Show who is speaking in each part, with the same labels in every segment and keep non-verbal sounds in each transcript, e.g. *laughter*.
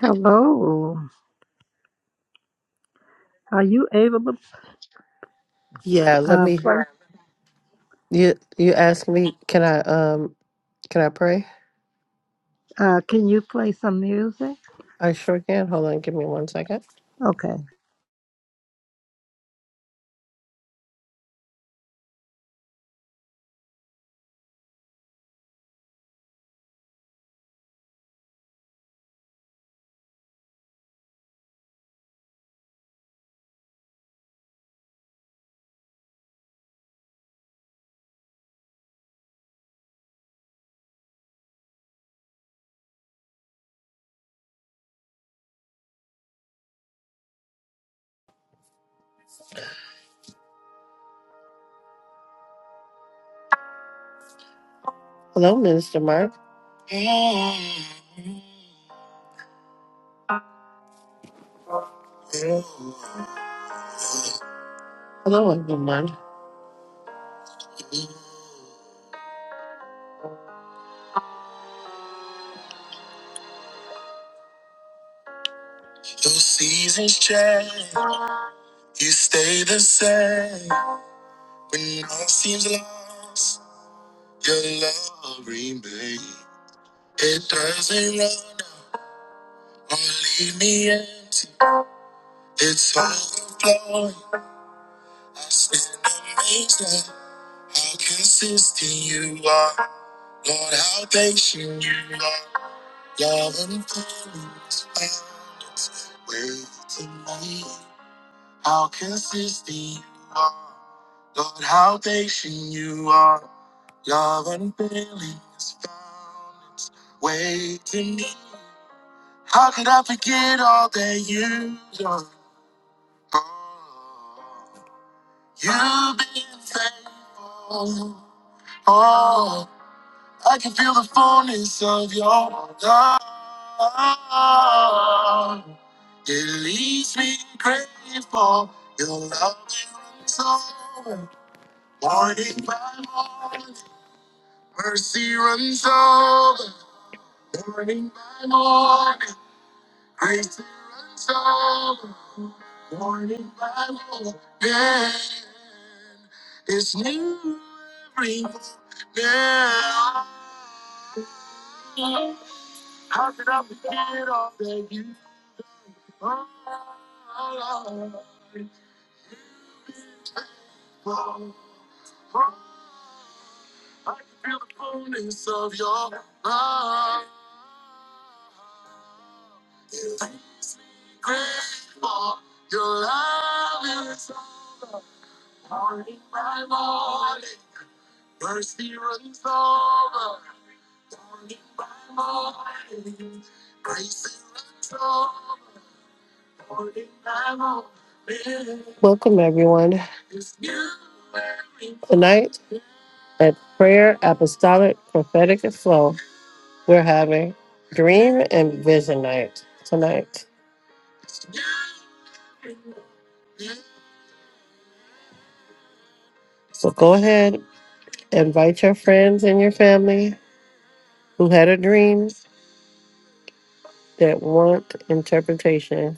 Speaker 1: Hello. Are you able to
Speaker 2: Yeah, let
Speaker 1: uh,
Speaker 2: me
Speaker 1: play?
Speaker 2: you you asked me, can I um can I pray?
Speaker 1: Uh, can you play some music?
Speaker 2: I sure can. Hold on, give me one second.
Speaker 1: Okay.
Speaker 2: Hello, Minister Mark. Hello everyone. Welcome everyone. Tonight at Prayer Apostolic Prophetic Flow, we're having dream and vision night tonight. So go ahead, invite your friends and your family who had a dream that want interpretation.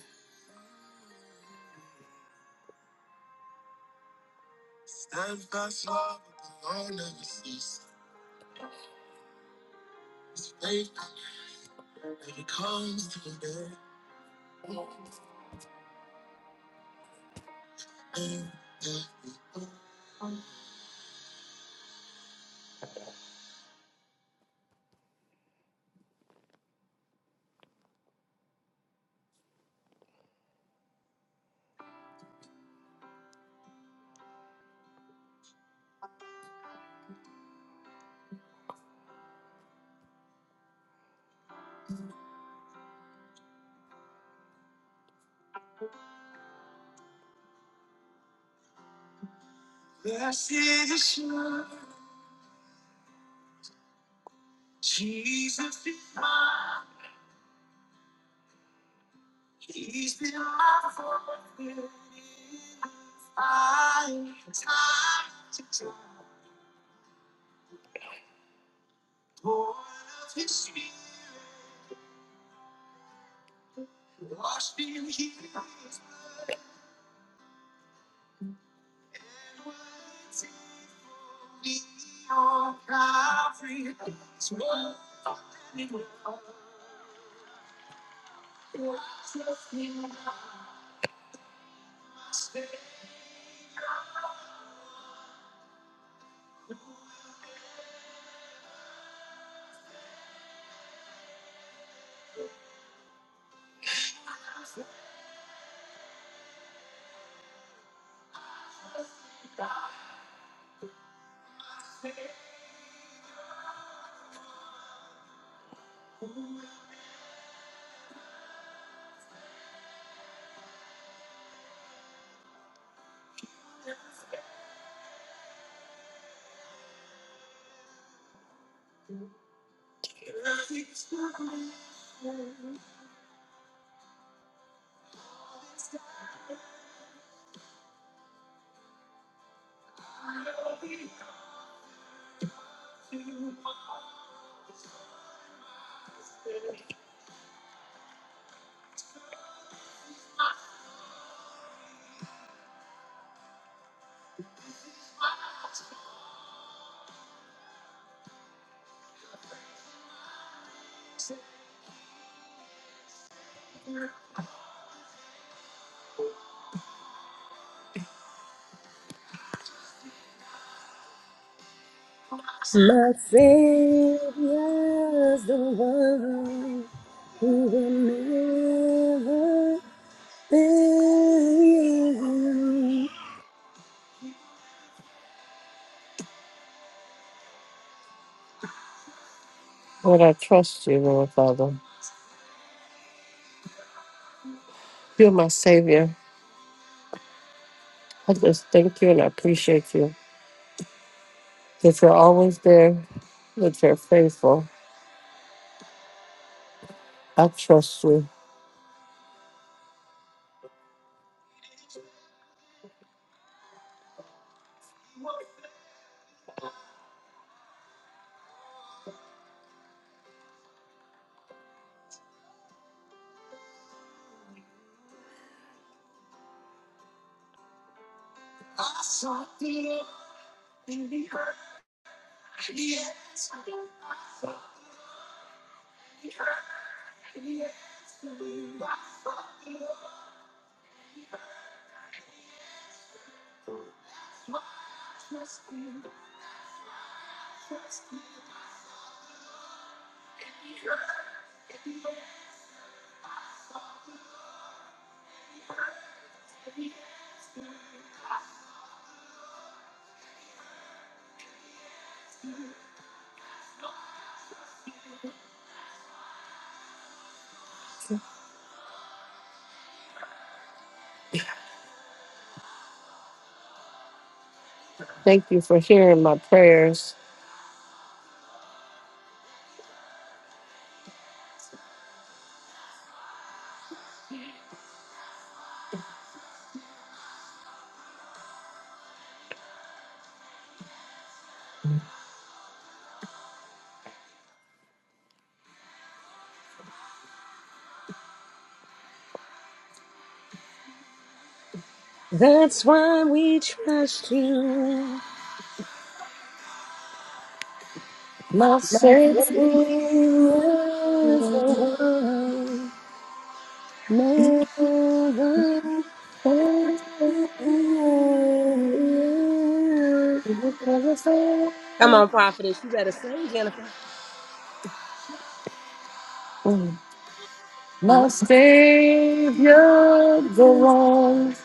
Speaker 3: My Savior's the one who will never fail.
Speaker 2: Lord, I trust you, Lord Father. You're my savior. I just thank you and I appreciate you that you're always there, that you're faithful. I trust you. Thank you for hearing my prayers.
Speaker 3: That's why we trust you.
Speaker 2: My Savior,
Speaker 3: Savior's the one never
Speaker 2: you
Speaker 3: fail.
Speaker 2: never fail.
Speaker 3: Come on, prophetess, you better sing, Jennifer.
Speaker 2: Mm. My
Speaker 3: My
Speaker 2: Savior, the
Speaker 3: Savior-
Speaker 2: one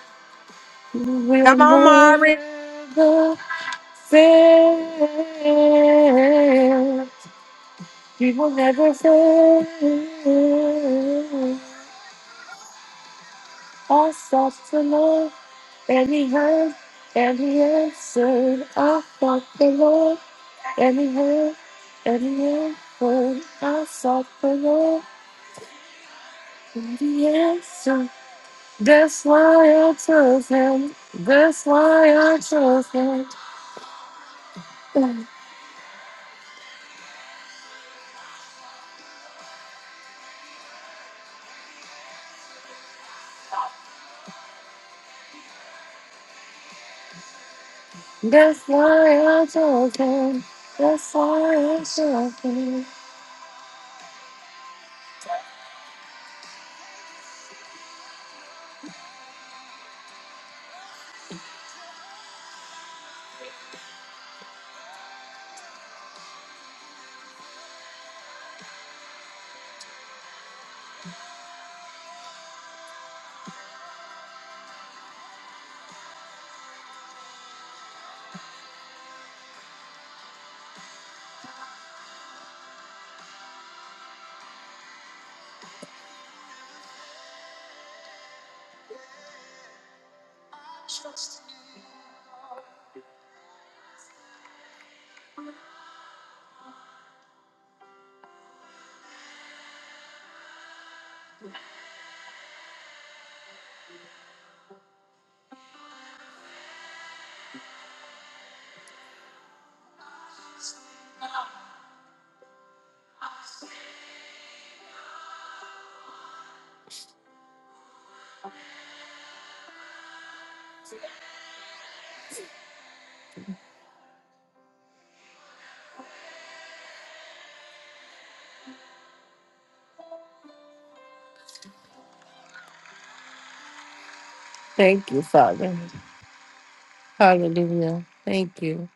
Speaker 2: who will
Speaker 3: Come on, Mari.
Speaker 2: never fail. He will never fail. I sought the Lord And he heard, and he answered, I sought the Lord. And he heard, and he answered, I sought the Lord. And he answered, that's why I chose him. That's why I chose him. That's why I chose him. That's why I chose him. Thank you, Father. Hallelujah. Thank you.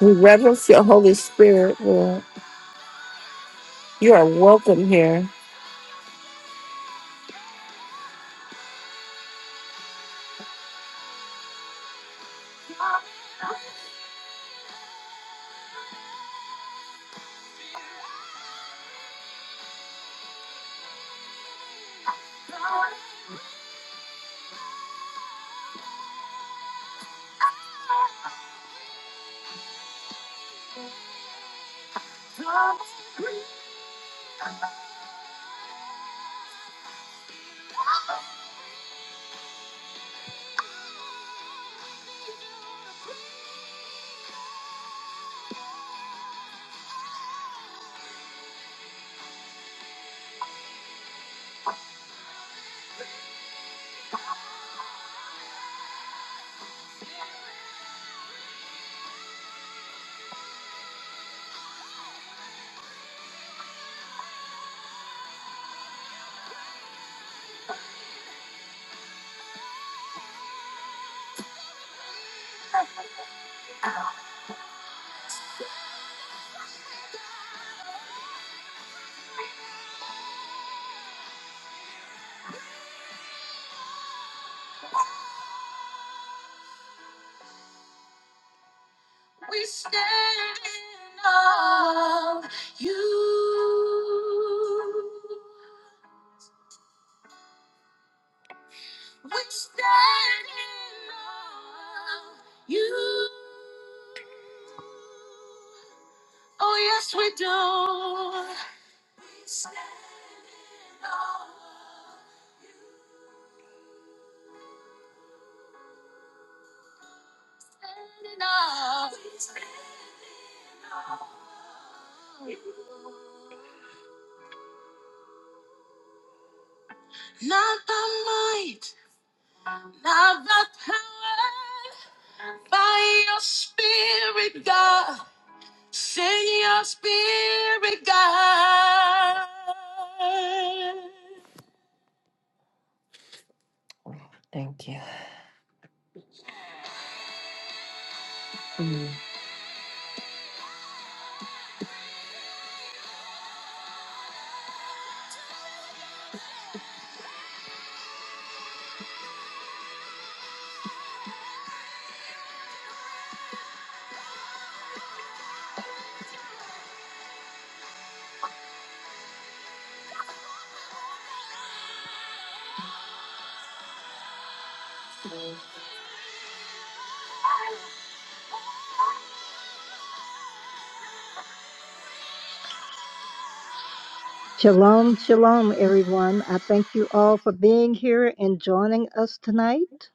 Speaker 2: We reverence your Holy Spirit, Lord. You are welcome here. Thank you.
Speaker 1: Shalom, shalom, everyone. I thank you all for being here and joining us tonight.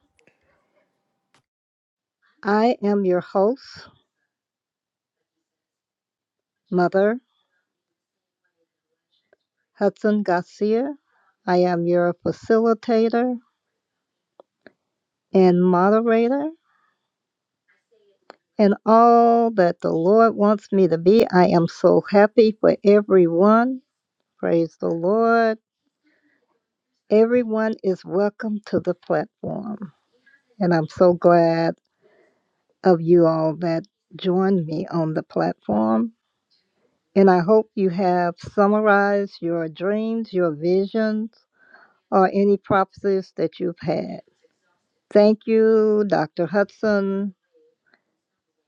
Speaker 1: I am your host, Mother Hudson Garcia. I am your facilitator and moderator, and all that the Lord wants me to be. I am so happy for everyone. Praise the Lord. Everyone is welcome to the platform. And I'm so glad of you all that joined me on the platform. And I hope you have summarized your dreams, your visions, or any prophecies that you've had. Thank you, Dr. Hudson,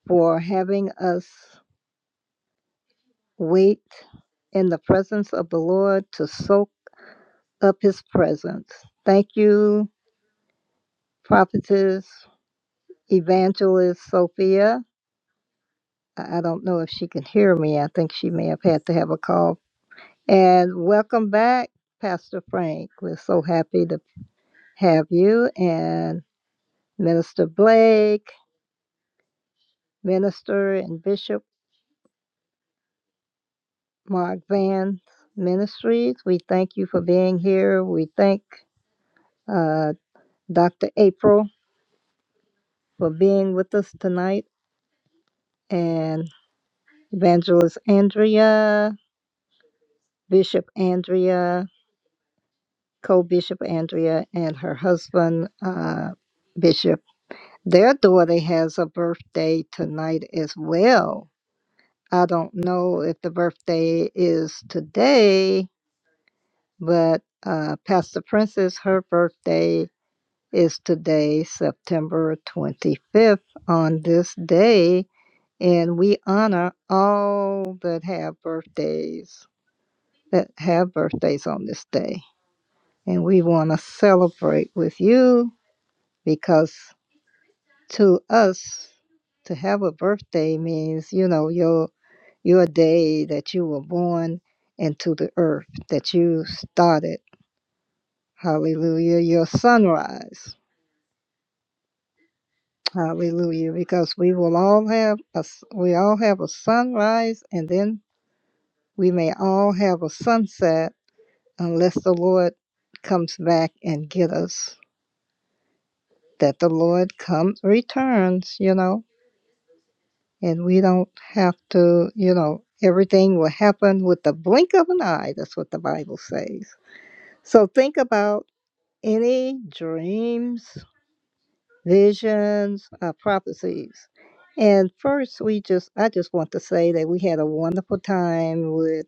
Speaker 1: for having us wait in the presence of the Lord to soak up his presence. Thank you, prophetess, evangelist Sophia. I I don't know if she can hear me. I think she may have had to have a call And welcome back, Pastor Frank. We're so happy to have you and Minister Blake, Minister and Bishop Mark Van Ministries. We thank you for being here. We thank uh, Dr. April for being with us tonight and Evangelist Andrea, Bishop Andrea, co Bishop Andrea, and her husband, uh, Bishop. Their daughter has a birthday tonight as well. I don't know if the birthday is today, but uh, Pastor Princess, her birthday is today, September 25th, on this day. And we honor all that have birthdays, that have birthdays on this day. And we want to celebrate with you because to us to have a birthday means you know your your day that you were born into the earth that you started hallelujah your sunrise hallelujah because we will all have a s- we all have a sunrise and then we may all have a sunset unless the lord comes back and get us that the lord comes returns you know and we don't have to, you know, everything will happen with the blink of an eye. That's what the Bible says. So think about any dreams, visions, uh, prophecies. And first, we just, I just want to say that we had a wonderful time with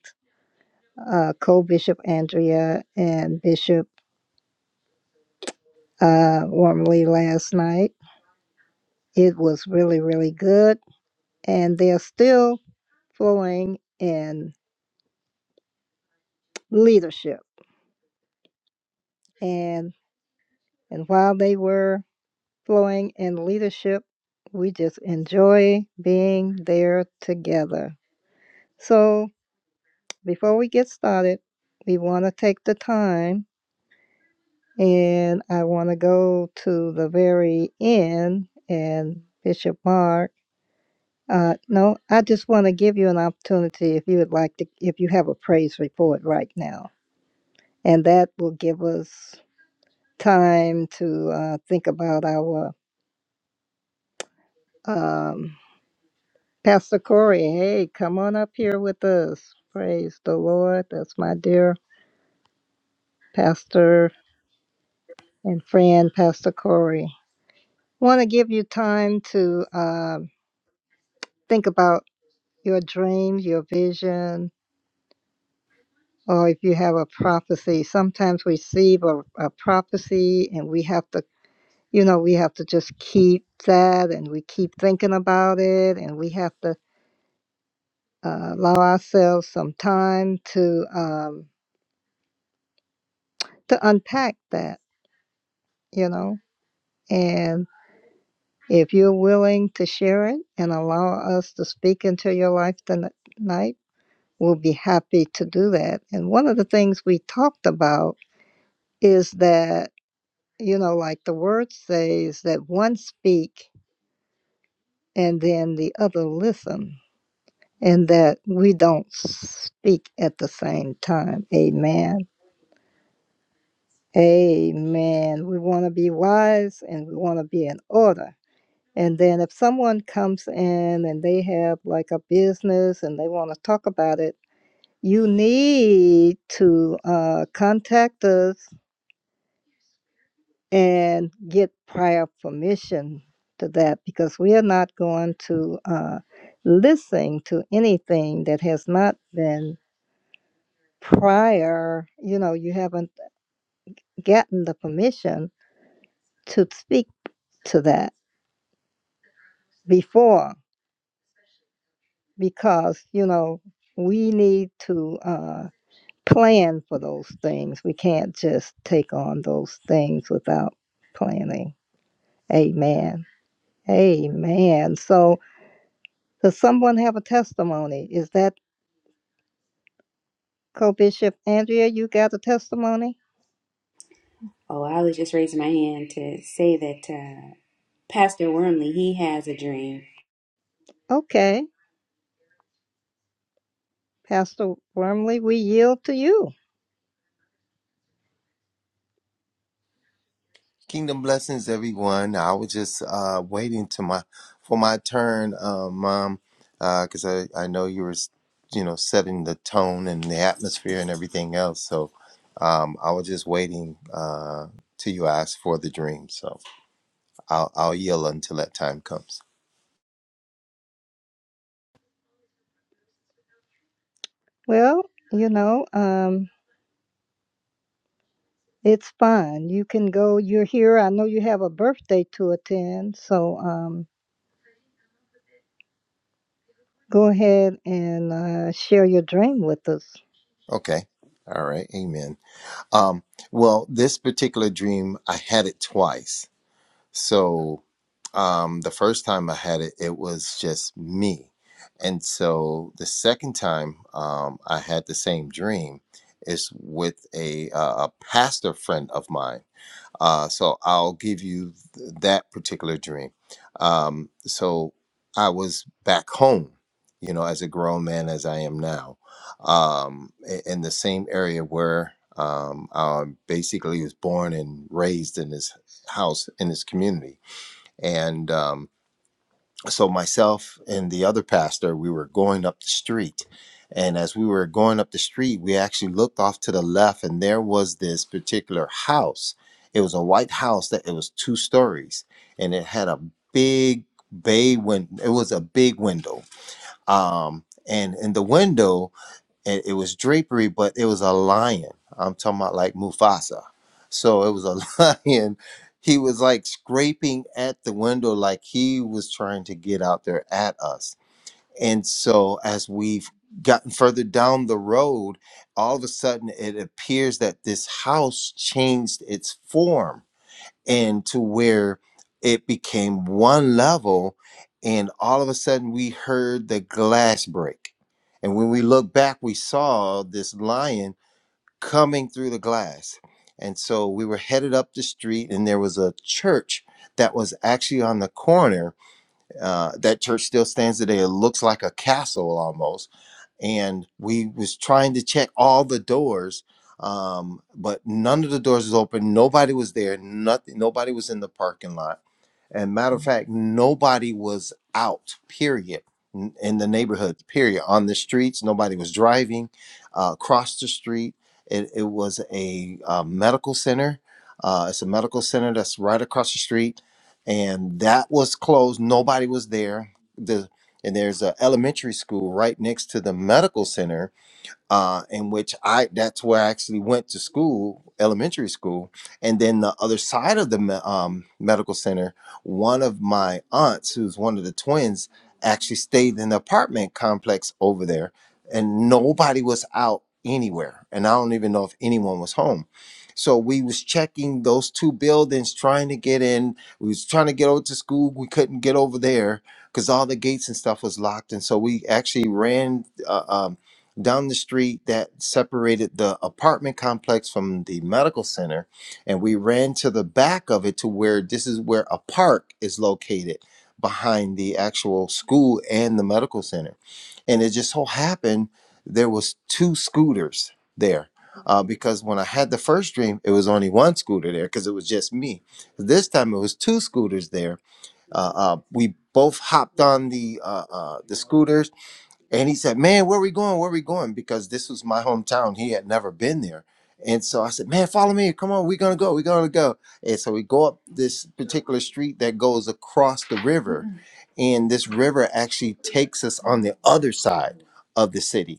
Speaker 1: uh, co Bishop Andrea and Bishop uh, Wormley last night. It was really, really good. And they're still flowing in leadership. and. And while they were flowing in leadership, we just enjoy being there together. So, before we get started, we want to take the time and I want to go to the very end and Bishop Mark. Uh, no, I just want to give you an opportunity if you would like to, if you have a praise report right now. And that will give us time to uh, think about our um, Pastor Corey, hey, come on up here with us. Praise the Lord. That's my dear pastor and friend, Pastor Corey. Want to give you time to um, think about your dreams, your vision, or if you have a prophecy. Sometimes we receive a, a prophecy and we have to, you know, we have to just keep that and we keep thinking about it and we have to uh, allow ourselves some time to um, to unpack that you know And if you're willing to share it and allow us to speak into your life tonight, we'll be happy to do that. And one of the things we talked about is that, you know, like the word says, that one speak and then the other listen, and that we don't speak at the same time. Amen. Amen. We want to be wise and we want to be in order And then if someone comes in and they have like a business and they want to talk about it, you need to uh, contact us and get prior permission to that because we are not going to uh, listen to anything that has not been prior, you know, you haven't gotten the permission to speak to that before because, you know, we need to. Uh, plan for those things. We can't just take on those things without planning. Amen. Amen. So, does someone have a testimony? Is that Co Bishop Andrea? You got a testimony?
Speaker 4: Oh, I was just raising my hand to say that uh, Pastor Wormley he has a dream.
Speaker 1: Okay. Pastor Wormley, we yield to you.
Speaker 5: Kingdom blessings, everyone. I was just uh, waiting to my for my turn, uh, Mom, because I, I know you were, you know, setting the tone and the atmosphere and everything else. So um, I was just waiting uh, till you asked for the dream. So I'll, I'll yield until that time comes.
Speaker 1: Well, you know, um, it's fine. You can go. You're here. I know you have a birthday to attend. So um, go ahead and uh, share your dream with us.
Speaker 5: Okay. All right. Amen. Um, well, this particular dream, I had it twice So um, the first time I had it, it was just me. And so the second time um, I had the same dream is with a, uh, a pastor friend of mine uh, so I'll give you th- that particular dream. Um, so I was back home, you know, as a grown man as I am now, um, i- in the same area where um, I basically was born and raised in this house in this community, and um, so myself and the other pastor we were going up the street and as we were going up the street we actually looked off to the left and there was this particular house it was a white house that it was two stories and it had a big bay win. it was a big window um and in the window and it was drapery, but it was a lion. I'm talking about like Mufasa. So it was a *laughs* lion. He was like scraping at the window, like he was trying to get out there at us. And so as we've gotten further down the road, all of a sudden it appears that this house changed its form and to where it became one level and all of a sudden we heard the glass break and when we looked back we saw this lion coming through the glass and so we were headed up the street and there was a church that was actually on the corner uh, that church still stands today it looks like a castle almost and we was trying to check all the doors um, but none of the doors was open nobody was there nothing nobody was in the parking lot and matter of fact, nobody was out, period, n- in the neighborhood, period. On the streets, nobody was driving uh, across the street. It, it was a uh, medical center. Uh, it's a medical center that's right across the street. And that was closed. Nobody was there. The, and there's an elementary school right next to the medical center uh, in which I that's where I actually went to school, elementary school, and then the other side of the me- um, medical center, one of my aunts, who's one of the twins, actually stayed in the apartment complex over there, and nobody was out anywhere, and I don't even know if anyone was home. So we was checking those two buildings, trying to get in. We was trying to get over to school. We couldn't get over there because all the gates and stuff was locked, and so we actually ran. Uh, um, down the street that separated the apartment complex from the medical center and we ran to the back of it to where this is where a park is located behind the actual school and the medical center and it just so happened there was two scooters there uh, because when i had the first dream it was only one scooter there because it was just me this time it was two scooters there uh, uh, we both hopped on the uh, uh, the scooters and he said, Man, where we going? Where we going? Because this was my hometown. He had never been there. And so I said, Man, follow me. Come on, we're gonna go, we're gonna go. And so we go up this particular street that goes across the river. And this river actually takes us on the other side of the city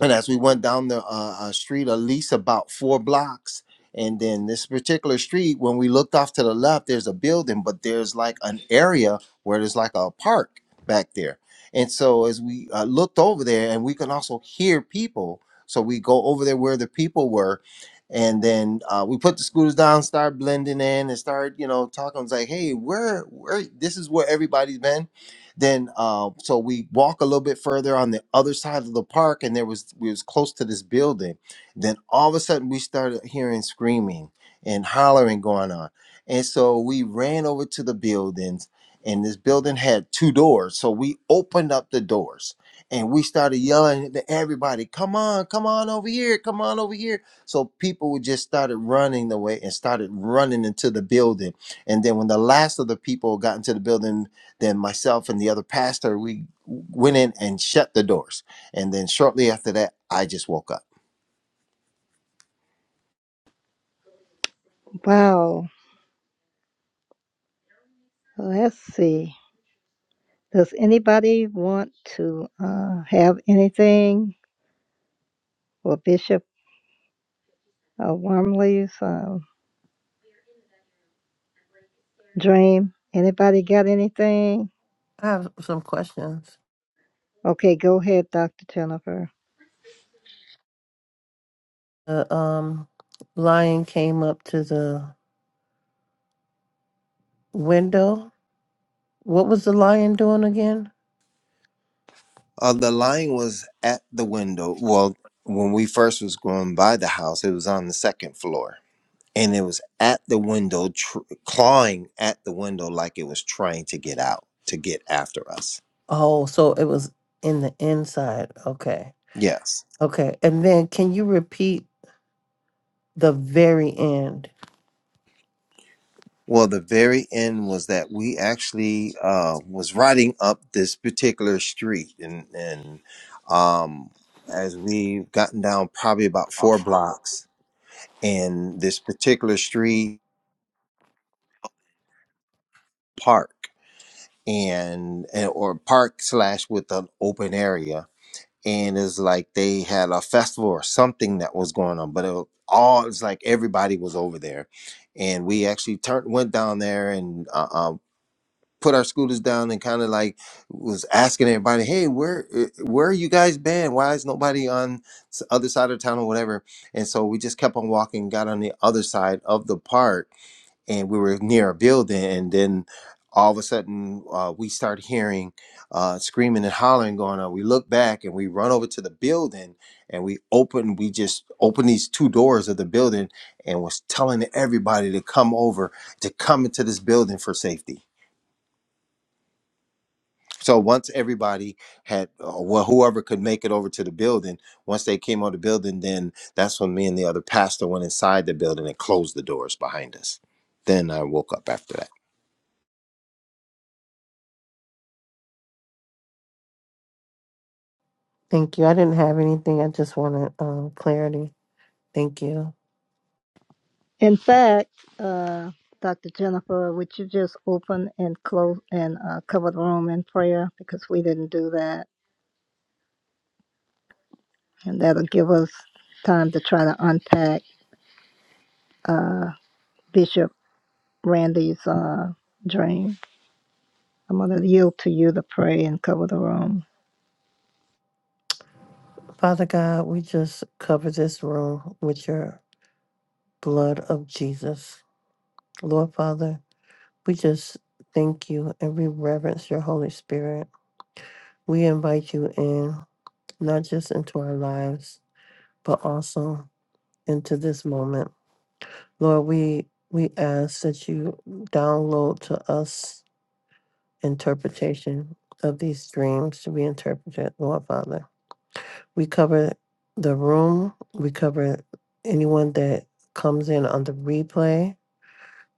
Speaker 5: and as we went down the uh, uh, street at least about four blocks and then this particular street when we looked off to the left there's a building but there's like an area where there's like a park back there and so as we uh, looked over there and we can also hear people so we go over there where the people were and then uh, we put the scooters down start blending in and start you know talking it's like hey where where this is where everybody's been then uh, so we walk a little bit further on the other side of the park and there was we was close to this building then all of a sudden we started hearing screaming and hollering going on and so we ran over to the buildings and this building had two doors so we opened up the doors and we started yelling to everybody come on come on over here come on over here so people would just started running away and started running into the building and then when the last of the people got into the building then myself and the other pastor we went in and shut the doors and then shortly after that i just woke up
Speaker 1: Wow. Let's see. Does anybody want to uh, have anything for Bishop uh, Wormley's um, dream? Anybody got anything?
Speaker 2: I have some questions.
Speaker 1: Okay, go ahead, Dr. Jennifer.
Speaker 2: The um, lion came up to the window. What was the lion doing again?
Speaker 5: uh, the lion was at the window well when we first was going by the house it was on the second floor and it was at the window tr- clawing at the window like it was trying to get out to get after us
Speaker 2: Oh, so it was in the inside. Okay.
Speaker 5: yes
Speaker 2: Okay. And then can you repeat the very end?
Speaker 5: Well, the very end was that we actually uh, was riding up this particular street, and and um, as we've gotten down probably about four blocks in this particular street park, and, and or park slash with an open area, and it's like they had a festival or something that was going on, but it was all it's like everybody was over there, and we actually turned went down there and uh, uh, put our scooters down and kind of like was asking everybody, "Hey, where eh, where are you guys been? Why is nobody on s- other side of town or whatever?" And so we just kept on walking, got on the other side of the park, and we were near a building, and then all of a sudden uh, we start hearing uh, screaming and hollering going on. We look back and we run over to the building, and we open, we just open these two doors of the building, and was telling everybody to come over to come into this building for safety so once everybody had, uh, well, whoever could make it over to the building, once they came on the building, then that's when me and the other pastor went inside the building and closed the doors behind us. Then I woke up after that.
Speaker 2: Thank you. I didn't have anything. I just wanted um, clarity. Thank you.
Speaker 1: In fact, uh, Dr. Jennifer, would you just open and close and uh, cover the room in prayer because we didn't do that, and that'll give us time to try to unpack uh, Bishop Randy's uh, dream. I'm going to yield to you to pray and cover the room.
Speaker 2: Father God, we just cover this room with your blood of Jesus. Lord Father, we just thank you and we reverence your Holy Spirit. We invite you in, not just into our lives, but also into this moment. Lord, we we ask that you download to us interpretation of these dreams to be interpreted, Lord Father. We cover the room, we cover anyone that comes in on the replay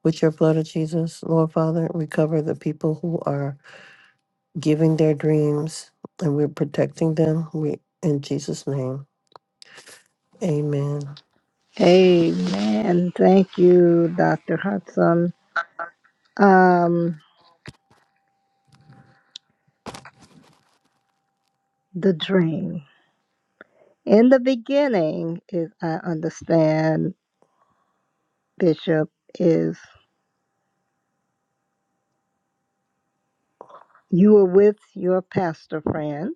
Speaker 2: with your blood of Jesus, Lord Father. We cover the people who are giving their dreams and we're protecting them. We in Jesus' name. Amen.
Speaker 1: Amen. Thank you, Dr. Hudson. Um, the dream. In the beginning, if I understand, Bishop, is you were with your pastor friend.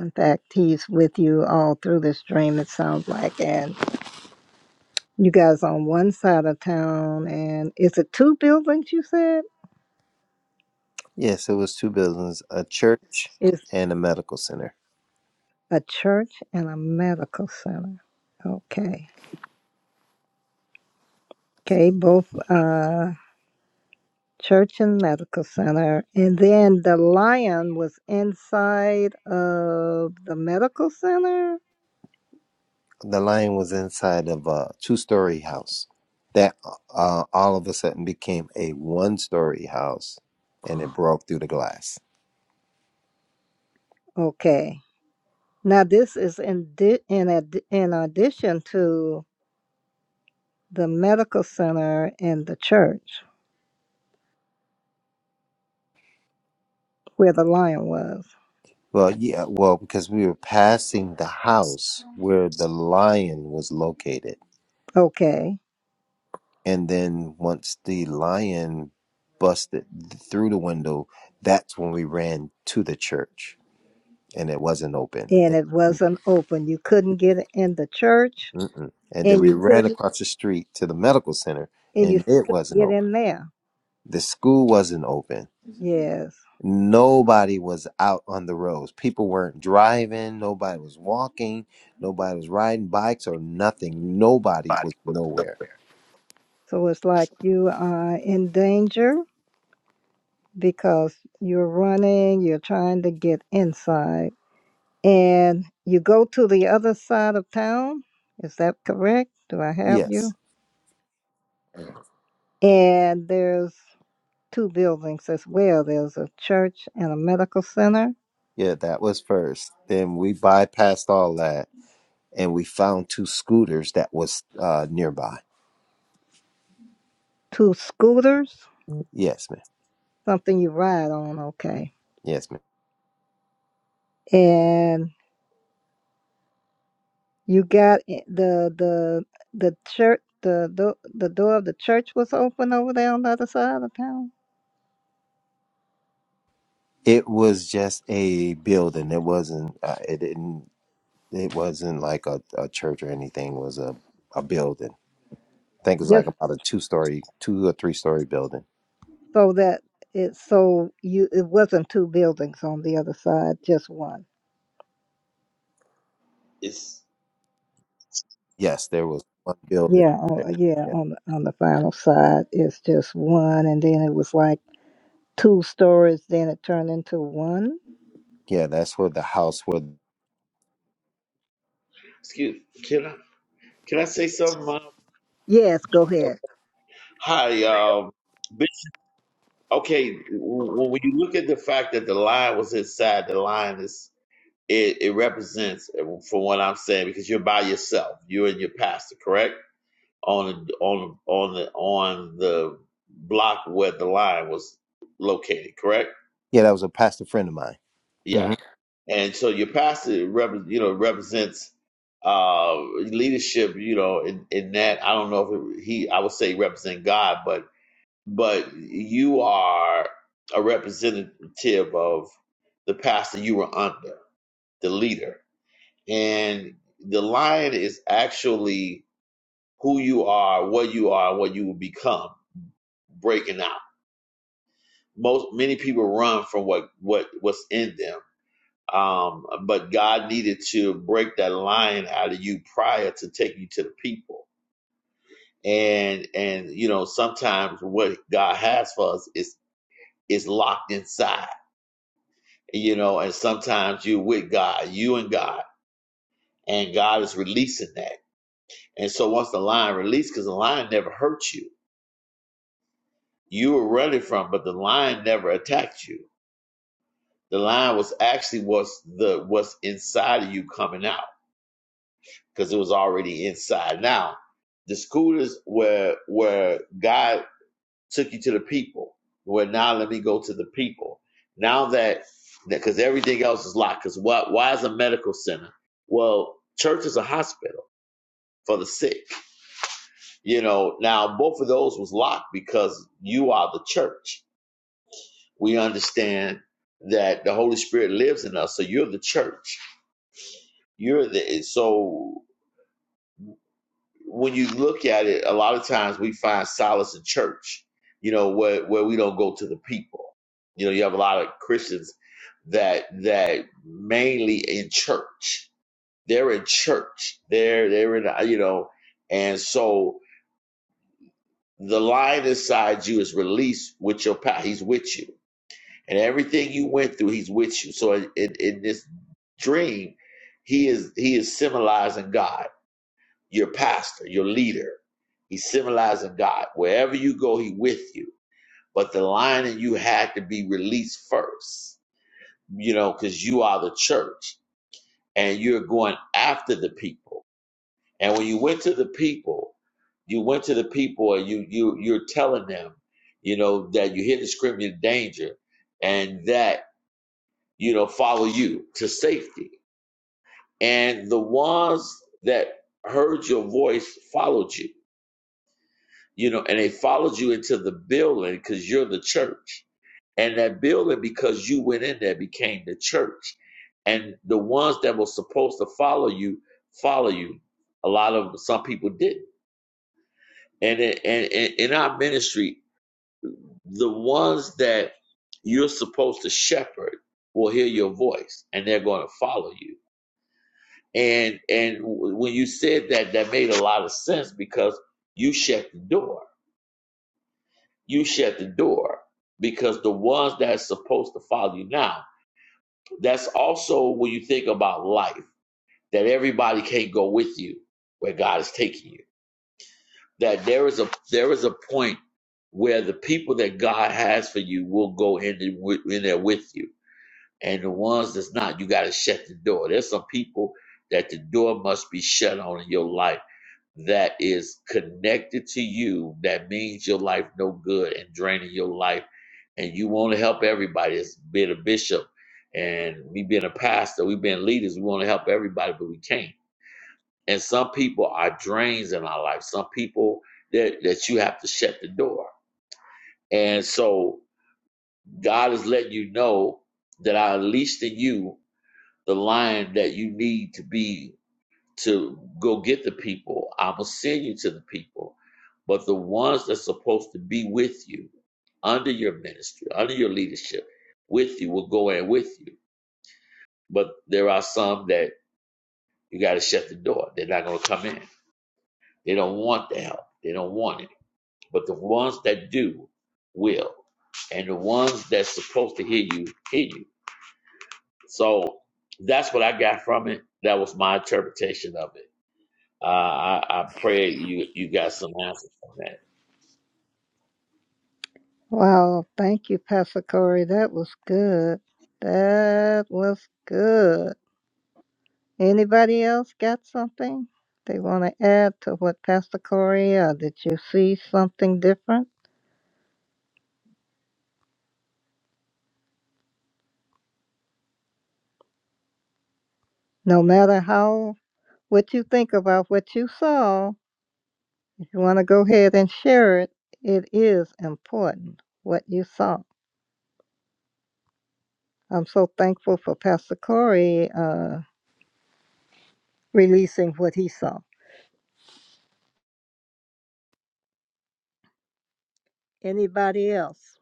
Speaker 1: In fact, he's with you all through this dream, it sounds like. And you guys on one side of town, and is it two buildings you said?
Speaker 5: Yes, it was two buildings, a church
Speaker 1: It's
Speaker 5: and a medical center.
Speaker 1: a church and a medical center. Okay. Okay, both uh, church and medical center. And then the lion was inside of the medical center.
Speaker 5: The lion was inside of a two-story house that uh, all of a sudden became a one-story house, and
Speaker 2: I
Speaker 5: it broke through the glass.
Speaker 1: Okay. Now this is in di- in ad- in addition to the medical center and the church where the lion was.
Speaker 5: Well, yeah, well, because we were passing the house where the lion was located.
Speaker 1: Okay.
Speaker 5: And then once the lion busted through the window, that's when we ran to the church and it wasn't open.
Speaker 1: And it
Speaker 5: And,
Speaker 1: wasn't open. You couldn't get in the church
Speaker 5: mm-mm. and then
Speaker 1: and
Speaker 5: we
Speaker 1: you
Speaker 5: ran
Speaker 1: couldn't
Speaker 5: across the street to the medical center
Speaker 1: and you
Speaker 5: and it
Speaker 1: couldn't
Speaker 5: wasn't
Speaker 1: get
Speaker 5: open.
Speaker 1: in there.
Speaker 5: The school wasn't open.
Speaker 1: Yes.
Speaker 5: Nobody was out on the roads. People weren't driving. Nobody was walking. Nobody was riding bikes or nothing. Nobody was nowhere.
Speaker 1: So it's like you are in danger because you're running, you're trying to get inside, and you go to the other side of town. Is that correct? Do I have
Speaker 5: Yes.
Speaker 1: you? And there's two buildings as well there's a church and a medical center,
Speaker 5: Yeah, that was first. Then we bypassed all that and we found two scooters that was uh, nearby.
Speaker 1: two scooters,
Speaker 5: Yes, ma'am.
Speaker 1: something you ride on, okay.
Speaker 5: Yes, ma'am.
Speaker 1: And you got i- the the the church the, the the door of the church was open over there on the other side of town.
Speaker 5: It was just a building. It wasn't. Uh, it didn't. It wasn't like a, a church or anything. It was a a building. I think it was
Speaker 1: Yes.
Speaker 5: like about a two story, two or three story building.
Speaker 1: so that it so you it wasn't two buildings on the other side, just one.
Speaker 6: It's
Speaker 5: Yes, there was one building
Speaker 1: Yeah, on,
Speaker 5: there.
Speaker 1: uh, yeah,
Speaker 5: Yeah,
Speaker 1: on the- on the final side, it's just one, and then it was like two stories. Then it turned into one.
Speaker 5: yeah, that's where the house was.
Speaker 6: excuse. Can I can I say something? Mom?
Speaker 1: Yes, go
Speaker 6: Uh,
Speaker 1: ahead.
Speaker 6: Hi, um, Bishop. Okay, when when you look at the fact that the line was inside, the line is it, it represents, uh, from what I'm saying, because you're by yourself, you and your pastor, correct? On the on on the on the block where the line was located, correct?
Speaker 5: Yeah, that was a pastor friend of mine.
Speaker 6: Yeah.
Speaker 5: hmm
Speaker 6: And so your pastor, rep- you know, represents uh, leadership. You know, in, in that I don't know if it, he, I would say represent God, but but you are a representative of the pastor you were under, the leader, and the lion is actually who you are, what you are, what you will become, breaking out. Most many people run from what what what's in them Um, but God needed to break that line out of you prior to taking you to the people. And and you know, sometimes what God has for us is is locked inside. You know, and sometimes you're with God, you and God, and God is releasing that. And so once the lion released, because the lion never hurt you, you were running from, but the lion never attacked you. The lion was actually what's the what's inside of you coming out because it was already inside. Now, the scooters is where where God took you to the people. Where now let me go to the people. Now that because everything else is locked. Because why why is a medical center? Well, church is a hospital for the sick. You know. Now both of those was locked because you are the church. We understand that the Holy Spirit lives in us, so you're the church. You're the so. when you look at it, a lot of times we find solace in church, you know, where, where we don't go to the people. You know, you have a lot of Christians that that mainly in church. They're in church. They're they're in you know, and so the lion inside you is released with your power. He's with you. And everything you went through, he's with you. So in, in, in this dream, he is he is symbolizing God your pastor, your leader. He's symbolizing God. Wherever you go, he with you. But the lion in you had to be released first, you know, because you are the church and you're going after the people. And when you went to the people, you went to the people and you you you're telling them, you know, that you hear the scream in danger and that, you know, follow you to safety. And the ones that heard your voice followed you you know, and they followed you into the building because you're the church. And that building, because you went in there, became the church. And the ones that were supposed to follow you, follow you. A lot of them, some people did. And in, and and in our ministry, the ones that you're supposed to shepherd will hear your voice and they're going to follow you. And and when you said that, that made a lot of sense because you shut the door you shut the door because the ones that's supposed to follow you now that's also when you think about life that everybody can't go with you where god is taking you that there is a there is a point where the people that god has for you will go in, the, wi- in there with you and the ones that's not you got to shut the door there's some people that the door must be shut on in your life that is connected to you that means your life no good and draining your life and you want to help everybody it's being a bishop and we being a pastor we being leaders we want to help everybody but we can't and some people are drains in our life some people that, that you have to shut the door and so god is letting you know that i unleashed in you the lion that you need to be to go get the people. I will send you to the people. But the ones that's supposed to be with you, under your ministry, under your leadership, with you, will go in with you. But there are some that you got to shut the door. They're not going to come in. They don't want the help. They don't want it. But the ones that do will. And the ones that's supposed to hear you, hear you. So that's what I got from it. That was my interpretation of it. Uh, I, I pray you you got some answers from that.
Speaker 1: Wow, thank you, Pastor Corey. That was good. That was good. Anybody else got something they want to add to what Pastor Corey? Or did you see something different? No matter how what you think about what you saw. If you want to go ahead and share it, it is important what you saw. I'm so thankful for Pastor Corey uh, releasing what he saw. Anybody else?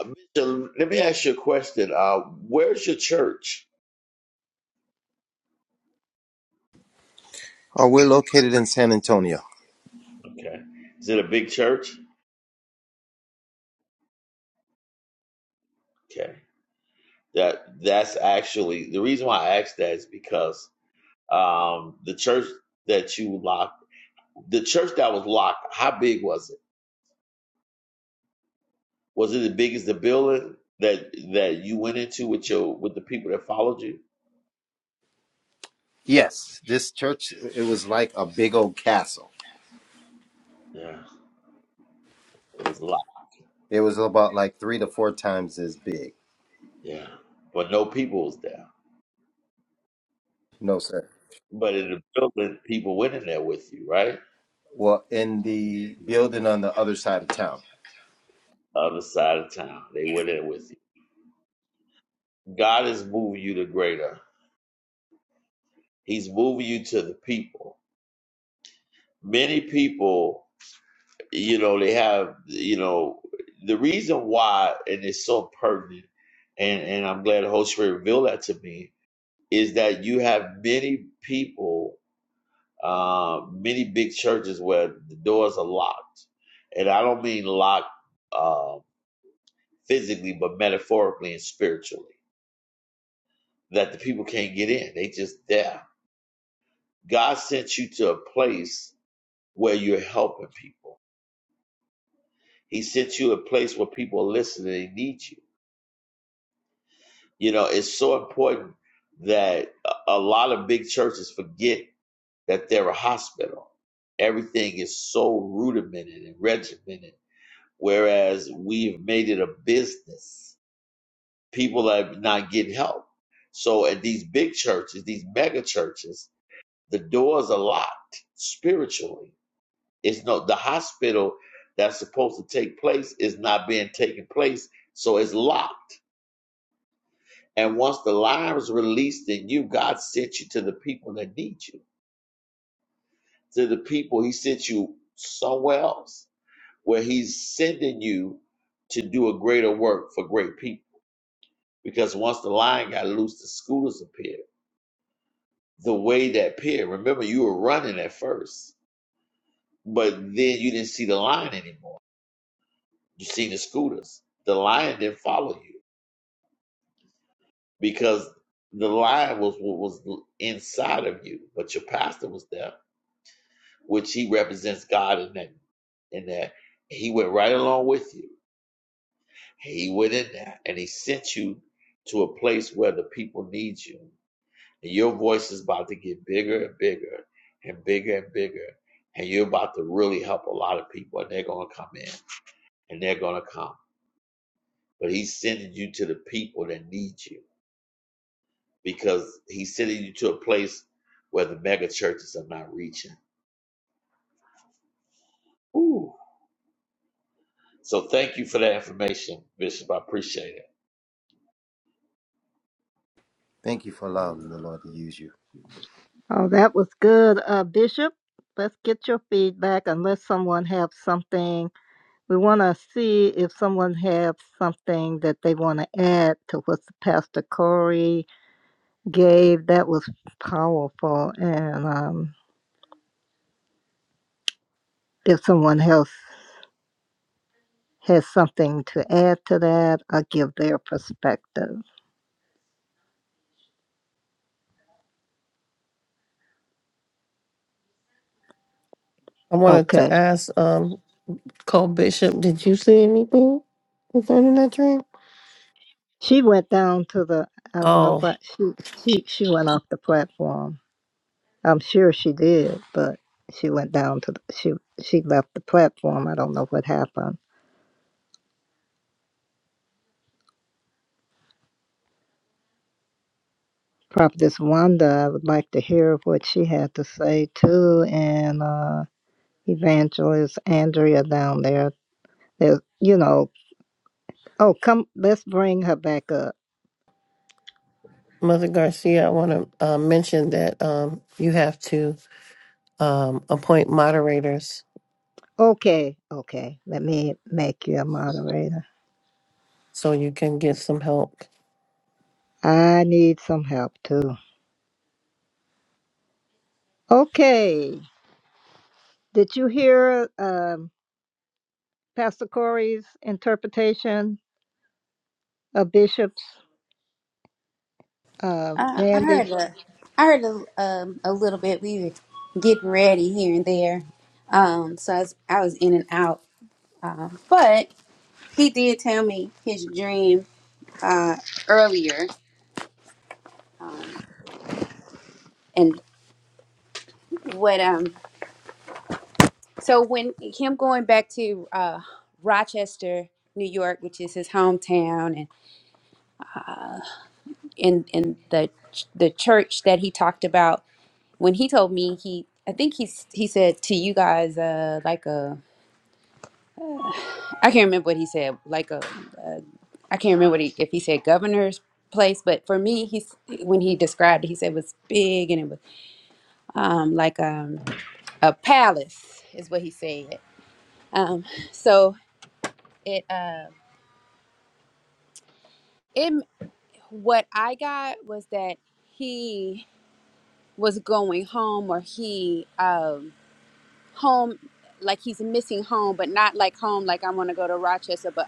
Speaker 6: Uh, Bishop, let me ask you a question. Uh, where's your church?
Speaker 5: Oh, we're located in San Antonio.
Speaker 6: Okay, is it a big church? Okay, that that's actually the reason why I asked that is because um, the church that you locked, the church that was locked, how big was it? Was it the biggest the building that that you went into with your with the people that followed you?
Speaker 5: Yes, this church it was like a big old castle.
Speaker 6: Yeah, it was a lot.
Speaker 5: It was about like three to four times as big.
Speaker 6: Yeah, but no people was there.
Speaker 5: No, sir.
Speaker 6: But in the building, people went in there with you, right?
Speaker 5: Well, in the building on the other side of town.
Speaker 6: Other side of town, they went in with you. God is moving you to greater. He's moving you to the people. Many people, you know, they have, you know, the reason why, and it's so pertinent, and and I'm glad the Holy Spirit revealed that to me, is that you have many people Uh, many big churches where the doors are locked, and I don't mean locked uh, physically, but metaphorically and spiritually, that the people can't get in. They just there. God sent you to a place where you're helping people. He sent you a place where people are listening. They need you. You know, it's so important that a a lot of big churches forget that they're a hospital everything is so rudimented and regimented whereas we've made it a business. People are not getting help. So at these big churches, these mega churches, the doors are locked spiritually. It's no the hospital that's supposed to take place is not being taken place, so it's locked. And once the lives released in you, God sent you to the people that need you, to the people He sent you somewhere else, where He's sending you to do a greater work for great people because once the line got loose, the scooters appeared. The way that appeared, remember you were running at first, but then you didn't see the line anymore. You seen the scooters. The line didn't follow you because the line was what was inside of you, but your pastor was there, which he represents God in that. In that, he went right along with you. He went in there and he sent you to a place where the people need you And your voice is about to get bigger and bigger and bigger and bigger. And you're about to really help a lot of people. And they're going to come in and they're going to come. But he's sending you to the people that need you because he's sending you to a place where the mega churches are not reaching. Ooh. So thank you for that information, Bishop. I appreciate it.
Speaker 5: Thank you for allowing the Lord to use you.
Speaker 1: Oh, that was good, uh, Bishop. Let's get your feedback. Unless someone has something, we want to see if someone has something that they want to add to what Pastor Corey gave. That was powerful, and um, if someone else has something to add to that or give their perspective.
Speaker 2: wanted to
Speaker 1: Okay.
Speaker 2: ask, um, Co-Bishop, did you see anything concerning that dream?
Speaker 1: She went down to the I don't know
Speaker 2: Oh,
Speaker 1: what she she she went off the platform. I'm sure she did, but she went down to the, she she left the platform. I don't know what happened. Prophetess Wanda, I would like to hear what she had to say too, and uh, Evangelist Andrea down there. There, you know. Oh, come, let's bring her back up
Speaker 2: Mother Garcia, I want to uh, mention that um, you have to um, appoint moderators
Speaker 1: Okay, okay. Let me make you a moderator.
Speaker 2: so you can get some help.
Speaker 1: I need some help too. Okay. Did you hear um, Pastor Corey's interpretation of bishops, uh,
Speaker 4: Uh, I
Speaker 1: Randy?
Speaker 4: heard a, I heard a, um, a little bit. We were getting ready here and there, um, so I was, I was in and out. Uh, but he did tell me his dream uh, earlier, and what um. So when him going back to uh, Rochester, New York, which is his hometown, and in in the the church that he talked about when he told me he I think he's he said to you guys uh like a I can't remember what he said like a, a I can't remember what he, if he said governor's place but for me he's when he described it he said it was big and it was um like um a palace is what he said um so it uh it what I got was that he was going home or he um home like he's missing home, but not like home like I want to go to Rochester, but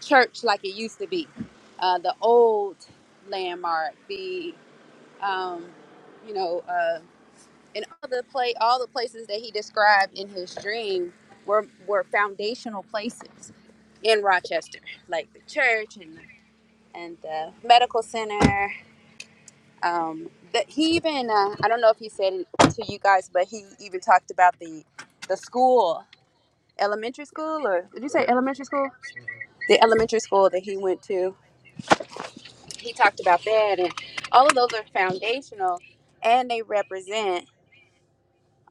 Speaker 4: church like it used to be. Uh, the old landmark, the um, you know, uh, and all the play, all the places that he described in his dream were were foundational places in Rochester, like the church and and the medical center. Um, that he even uh, I don't know if he said it to you guys, but he even talked about the the school, elementary school, or did you say elementary school? The elementary school that he went to he talked about that and all of those are foundational and they represent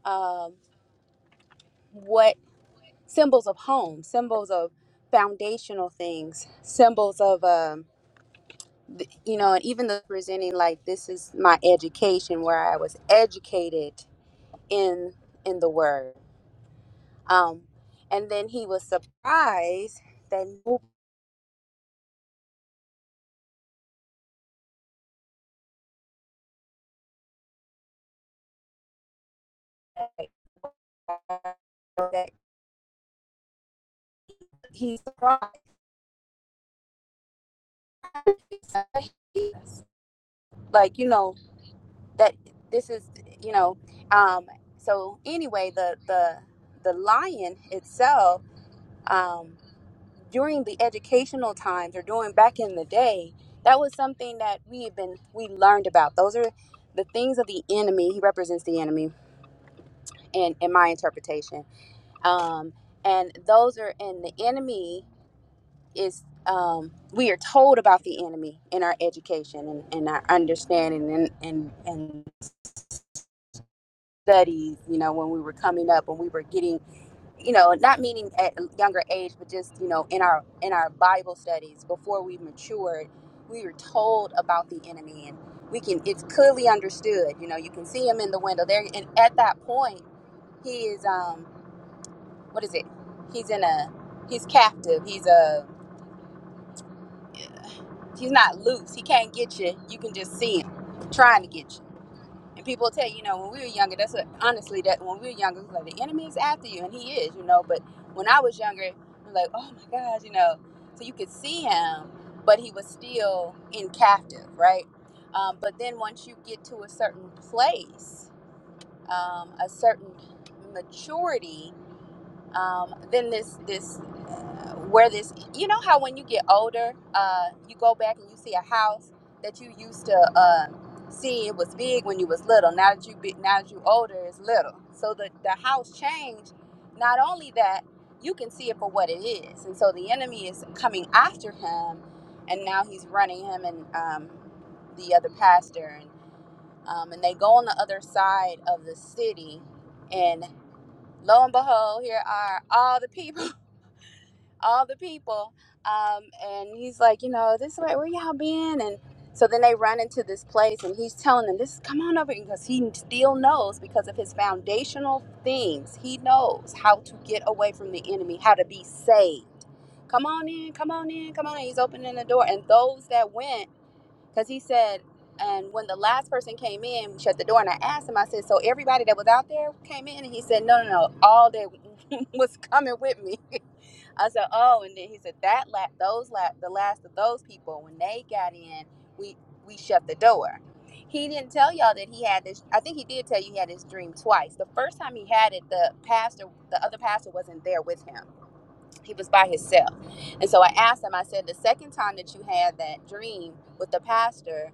Speaker 4: um, what symbols of home symbols of foundational things symbols of um, th- you know and even the presenting like this is my education where i was educated in in the word um, and then he was surprised that, nobody- that he's surprised *laughs* like you know that this is you know um so anyway the the the lion itself um during the educational times or during back in the day that was something that we had been we learned about those are the things of the enemy he represents the enemy in in my interpretation um and those are and the enemy is um we are told about the enemy in our education and, and our understanding and and and studies, you know, when we were coming up, when we were getting, you know, not meaning at a younger age, but just, you know, in our in our Bible studies before we matured, we were told about the enemy and we can it's clearly understood. You know, you can see him in the window there and at that point he is um what is it? He's in a he's captive. He's a he's not loose. He can't get you. You can just see him trying to get you. And people tell you, you know, when we were younger, that's what honestly that when we were younger, it was like the enemy is after you, and he is, you know. But when I was younger, I'm like, oh my gosh, you know. So you could see him, but he was still in captive, right? Um, but then once you get to a certain place, um, a certain maturity, um, then this this uh, where this you know how when you get older uh, you go back and you see a house that you used to uh, see it was big when you was little now that you big now that you older it's little so the, the house changed not only that you can see it for what it is and so the enemy is coming after him and now he's running him and um, the other pastor and um, and they go on the other side of the city and lo and behold, here are all the people, *laughs* all the people. Um, and he's like, you know, this way, where y'all been? And so then they run into this place, and he's telling them, this, come on over, because he still knows because of his foundational things. He knows how to get away from the enemy, how to be saved. Come on in, come on in, come on in. He's opening the door, and those that went because he said, and when the last person came in, we shut the door, and I asked him, I said, so everybody that was out there came in? And he said, no, no, no, all that *laughs* was coming with me. *laughs* I said, oh, and then he said, that la- those la- the last of those people, when they got in, we we shut the door. He didn't tell y'all that he had this. I think he did tell you he had this dream twice. The first time he had it, the pastor, the other pastor wasn't there with him. He was by himself. And so I asked him, I said, the second time that you had that dream with the pastor,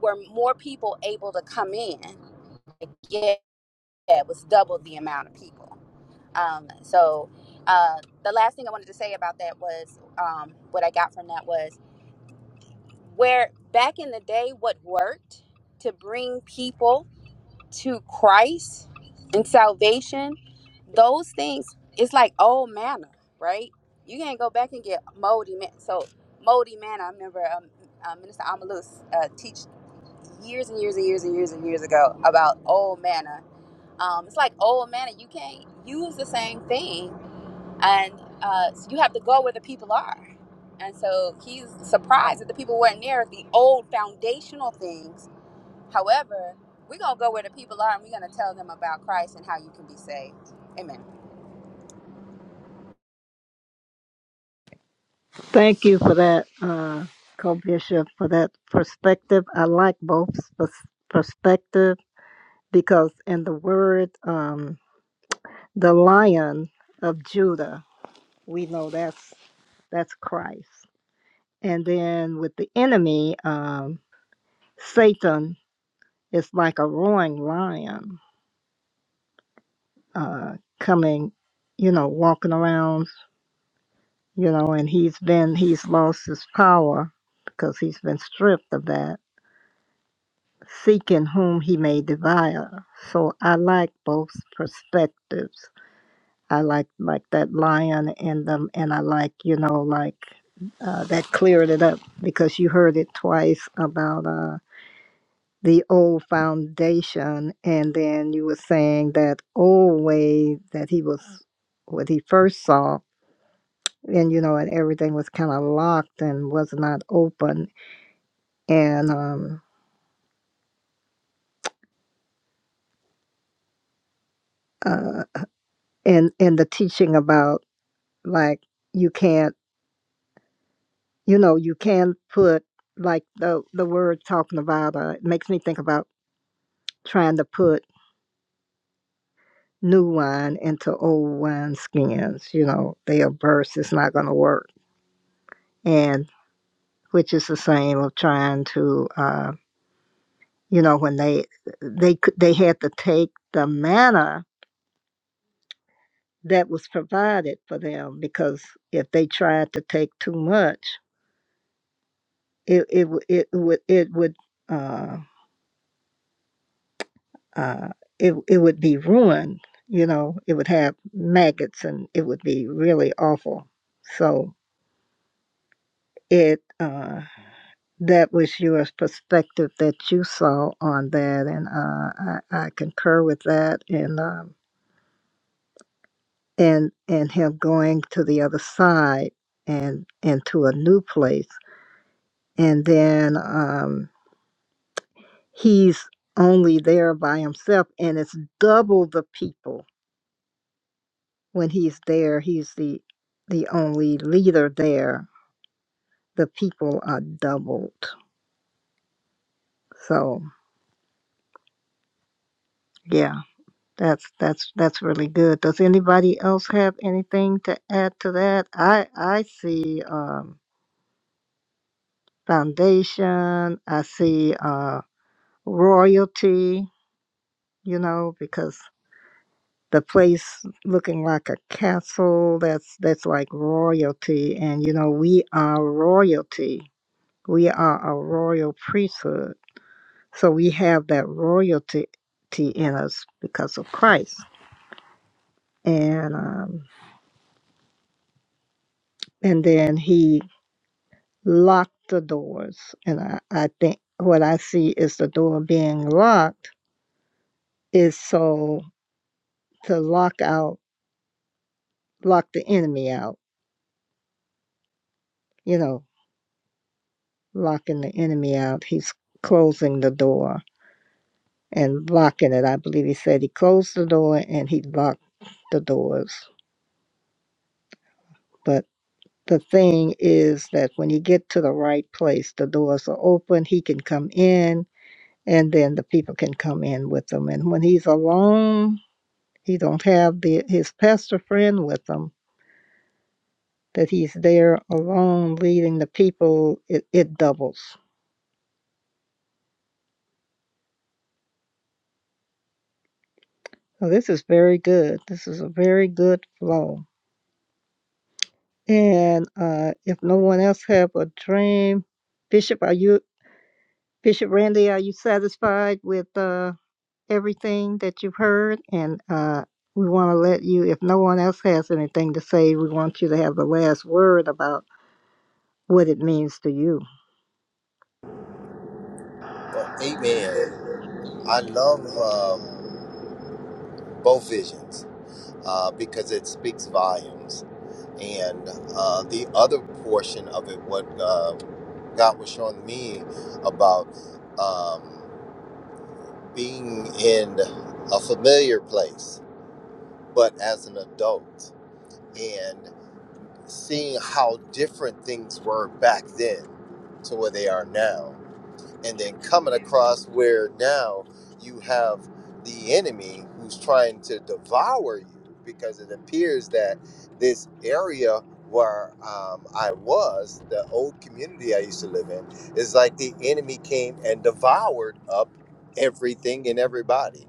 Speaker 4: were more people able to come in. Like, yeah, it was double the amount of people. Um, so uh, the last thing I wanted to say about that was um, what I got from that was where back in the day, what worked to bring people to Christ and salvation, those things, it's like old manna, right? You can't go back and get moldy man. So moldy manna. I remember um, uh, Minister Amalus uh, teach. years and years and years and years and years ago about old manna. Um, it's like old manna. You can't use the same thing, and uh, so you have to go where the people are. And so he's surprised that the people weren't there at the old foundational things. However, we're gonna go where the people are, and we're gonna tell them about Christ and how you can be saved. Amen.
Speaker 1: Thank you for that, uh, co-bishop, for that perspective. I like both pers- perspective because in the word, um, the Lion of Judah, we know that's that's Christ. And then with the enemy, um, Satan is like a roaring lion uh, coming, you know, walking around, you know, and he's been, he's lost his power because he's been stripped of that, seeking whom he may devour. So I like both perspectives. I like like that lion in them, and I like you know like uh, that cleared it up because you heard it twice about. uh, the old foundation and then you were saying that old way that he was what he first saw and you know and everything was kind of locked and was not open and um uh and and the teaching about like you can't you know you can put like the the word talking about uh it makes me think about trying to put new wine into old wine skins you know they'll burst it's not going to work and. which is the same of trying to, uh, you know, when they they could they had to take the manna that was provided for them because if they tried to take too much, it it w- it would it would uh, uh, it it would be ruined. You know, it would have maggots and it would be really awful. So it uh, that was your perspective that you saw on that, and uh, I, I concur with that, and. Um, and and him going to the other side and and to a new place and then um he's only there by himself and it's double the people when he's there he's the the only leader there the people are doubled so yeah that's that's that's really good does anybody else have anything to add to that i i see um foundation i see Uh, royalty, you know, because the place looking like a castle that's that's like royalty and you know we are royalty. We are a royal priesthood. So we have that royalty in us because of Christ. And um and then he locked the doors and I, I think what I see is the door being locked is so to lock out lock the enemy out, you know, locking the enemy out. He's closing the door and locking it. I believe he said he closed the door and he locked the doors. But the thing is that when you get to the right place, the doors are open, he can come in, and then the people can come in with him. And when he's alone, he don't have the his pastor friend with him, that he's there alone leading the people, it, it doubles. So this is very good. This is a very good flow. And uh, if no one else have a dream, Bishop, are you Bishop Randy? Are you satisfied with uh, everything that you've heard? And uh, we want to let you, if no one else has anything to say, we want you to have the last word about what it means to you.
Speaker 5: Well, amen. I love um, both visions uh, because it speaks volumes. And uh, the other portion of it, what uh, God was showing me about um, being in a familiar place, but as an adult, and seeing how different things were back then to where they are now and then coming across where now you have the enemy who's trying to devour you because it appears that this area where um, I was, the old community I used to live in, is like the enemy came and devoured up everything and everybody.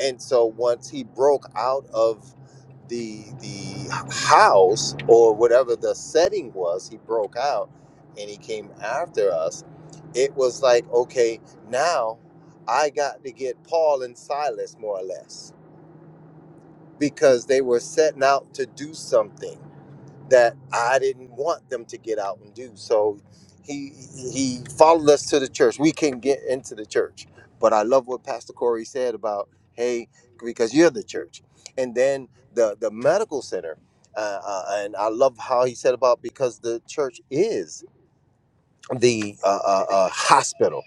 Speaker 5: And so once he broke out of the the house or whatever the setting was, he broke out and he came after us. It was like, okay, now I got to get Paul and Silas more or less because they were setting out to do something that I didn't want them to get out and do. So he he followed us to the church. We can get into the church. But I love what Pastor Corey said about, hey, because you're the church. And then the the medical center, uh, uh, and I love how he said about because the church is the uh, uh, uh, hospital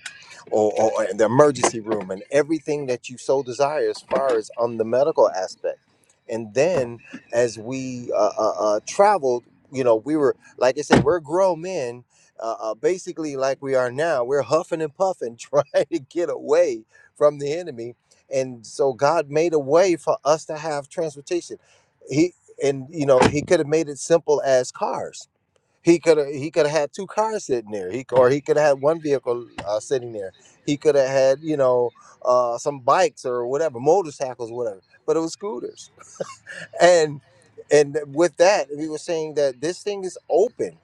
Speaker 5: or, or the emergency room and everything that you so desire as far as on the medical aspect. And then as we uh, uh, uh, traveled, you know, we were, like I said, we're grown men, uh, uh, basically like we are now. We're huffing and puffing *laughs* trying to get away from the enemy. And so God made a way for us to have transportation. He, and you know, he could have made it simple as cars he could have he could have had two cars sitting there. He or he could have had one vehicle uh, sitting there. He could have had you know uh, some bikes or whatever, motorcycles, whatever. But it was scooters. And and with that, he was saying that this thing is open.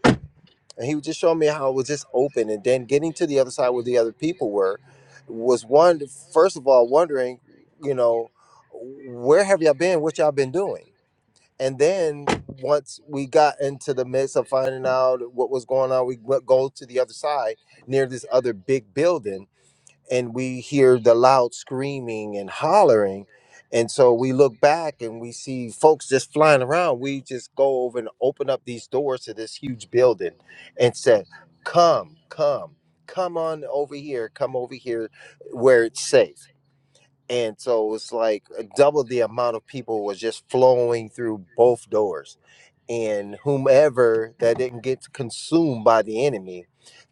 Speaker 5: And he was just showing me how it was just open. And then getting to the other side where the other people were was one first of all wondering, you know, where have y'all been? What y'all been doing? and then once we got into the midst of finding out what was going on we went, go to the other side near this other big building and we hear the loud screaming and hollering and so we look back and we see folks just flying around we just go over and open up these doors to this huge building and said come come come on over here come over here where it's safe and so it's like uh, double the amount of people was just flowing through both doors and whomever that didn't get consumed by the enemy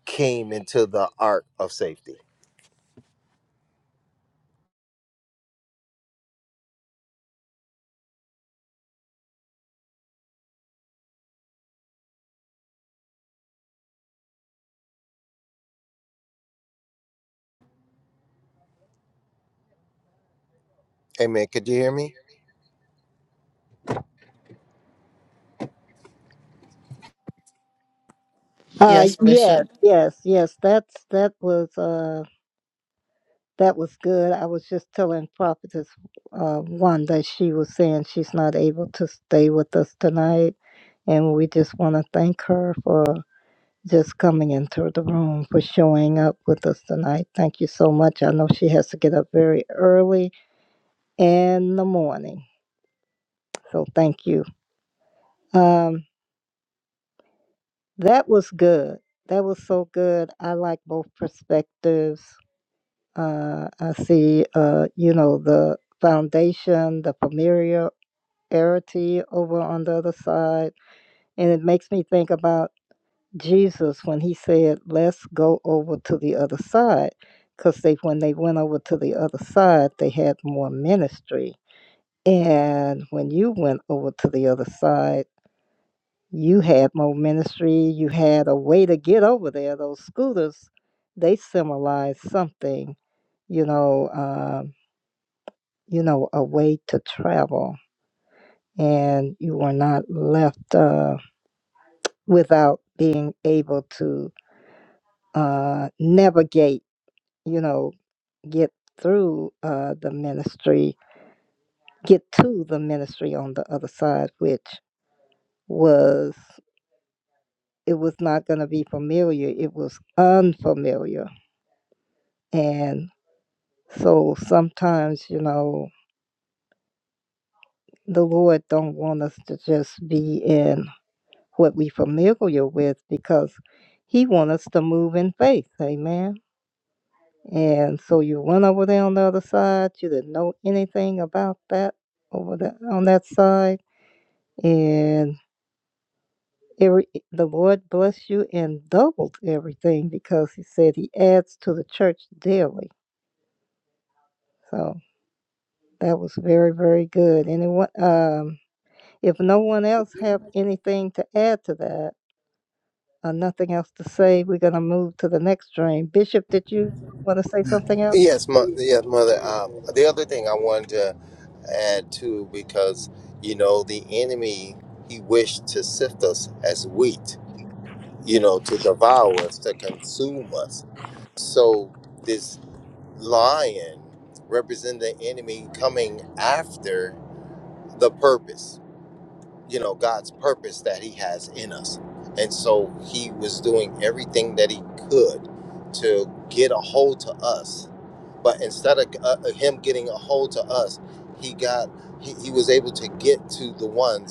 Speaker 5: came into the ark of safety. Amen. Could you hear me?
Speaker 1: Uh,
Speaker 2: Yes,
Speaker 1: yes,
Speaker 2: Bishop.
Speaker 1: yes, yes. That's that was. Uh, That was good. I was just telling Prophetess uh, Wanda, she was saying she's not able to stay with us tonight. And we just want to thank her for just coming into the room, for showing up with us tonight. Thank you so much. I know she has to get up very early in the morning. So thank you. Um, that was good. That was so good. I like both perspectives. Uh, I see, uh, you know, the foundation, the familiar. arity over on the other side. And it makes me think about Jesus when he said, Let's go over to the other side. Because they, when they went over to the other side, they had more ministry. And when you went over to the other side, you had more ministry. You had a way to get over there. Those scooters, they symbolize something, you know, um, you know, a way to travel. And you were not left. Uh, without being able to uh, navigate, you know, get through uh, the ministry, get to the ministry on the other side, which was, it was not going to be familiar. It was unfamiliar. And so sometimes, you know, the Lord don't want us to just be in what we familiar with because he want us to move in faith. Amen. And so you went over there on the other side. You didn't know anything about that over there on that side. And every, eh, the Lord blessed you and doubled everything because He said He adds to the church daily. So that was very, very good. Anyone, um, if no one else have anything to add to that or nothing else to say, we're going to move to the next dream. Bishop, did you want to say something else?
Speaker 5: Yes, mother. Yes, mother. Um, the other thing I wanted to add too, because you know the enemy he wished to sift us as wheat, you know, to devour us, to consume us. So this lion represents the enemy coming after the purpose. you know God's purpose that He has in us. And so He was doing everything that He could to get a hold to us, but instead of uh, Him getting a hold to us, He got He, he was able to get to the ones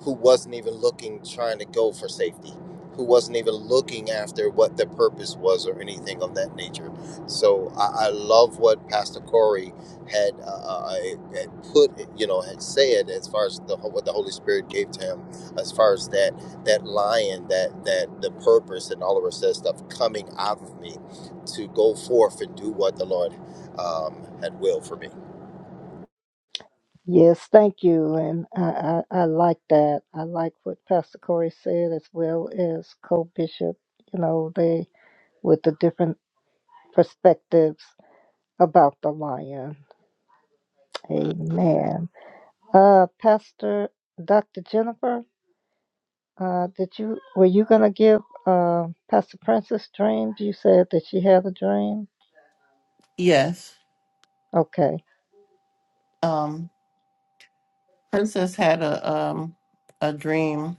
Speaker 5: who wasn't even looking, trying to go for safety, who wasn't even looking after what the purpose was or anything of that nature. So I, I love what Pastor Corey had, uh, uh, had put, you know, had said as far as the, what the Holy Spirit gave to him, as far as that that lion, that that the purpose and all of us that stuff coming out of me to go forth and do what the Lord um, had will for me.
Speaker 1: Yes, thank you. And I, I, I like that. I like what Pastor Corey said as well as Co Bishop, you know, they with the different perspectives about the lion. Amen. Uh Pastor Dr. Jennifer, uh did you were you gonna give uh Pastor Princess dreams? You said that she had a dream?
Speaker 2: Yes.
Speaker 1: Okay.
Speaker 2: Um, Princess had a um, a dream,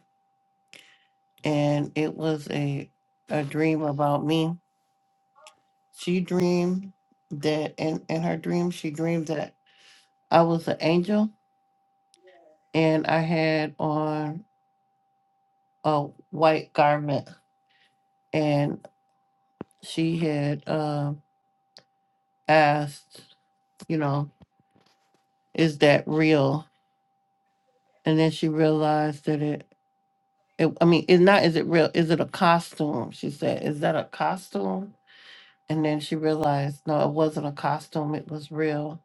Speaker 2: and it was a a dream about me. She dreamed that, in in her dream, she dreamed that I was an angel and I had on a white garment, and she had um, asked, you know, is that real? And then she realized that it, it, I mean, it's not, is it real? Is it a costume? She said, is that a costume? And then she realized, no, it wasn't a costume, it was real.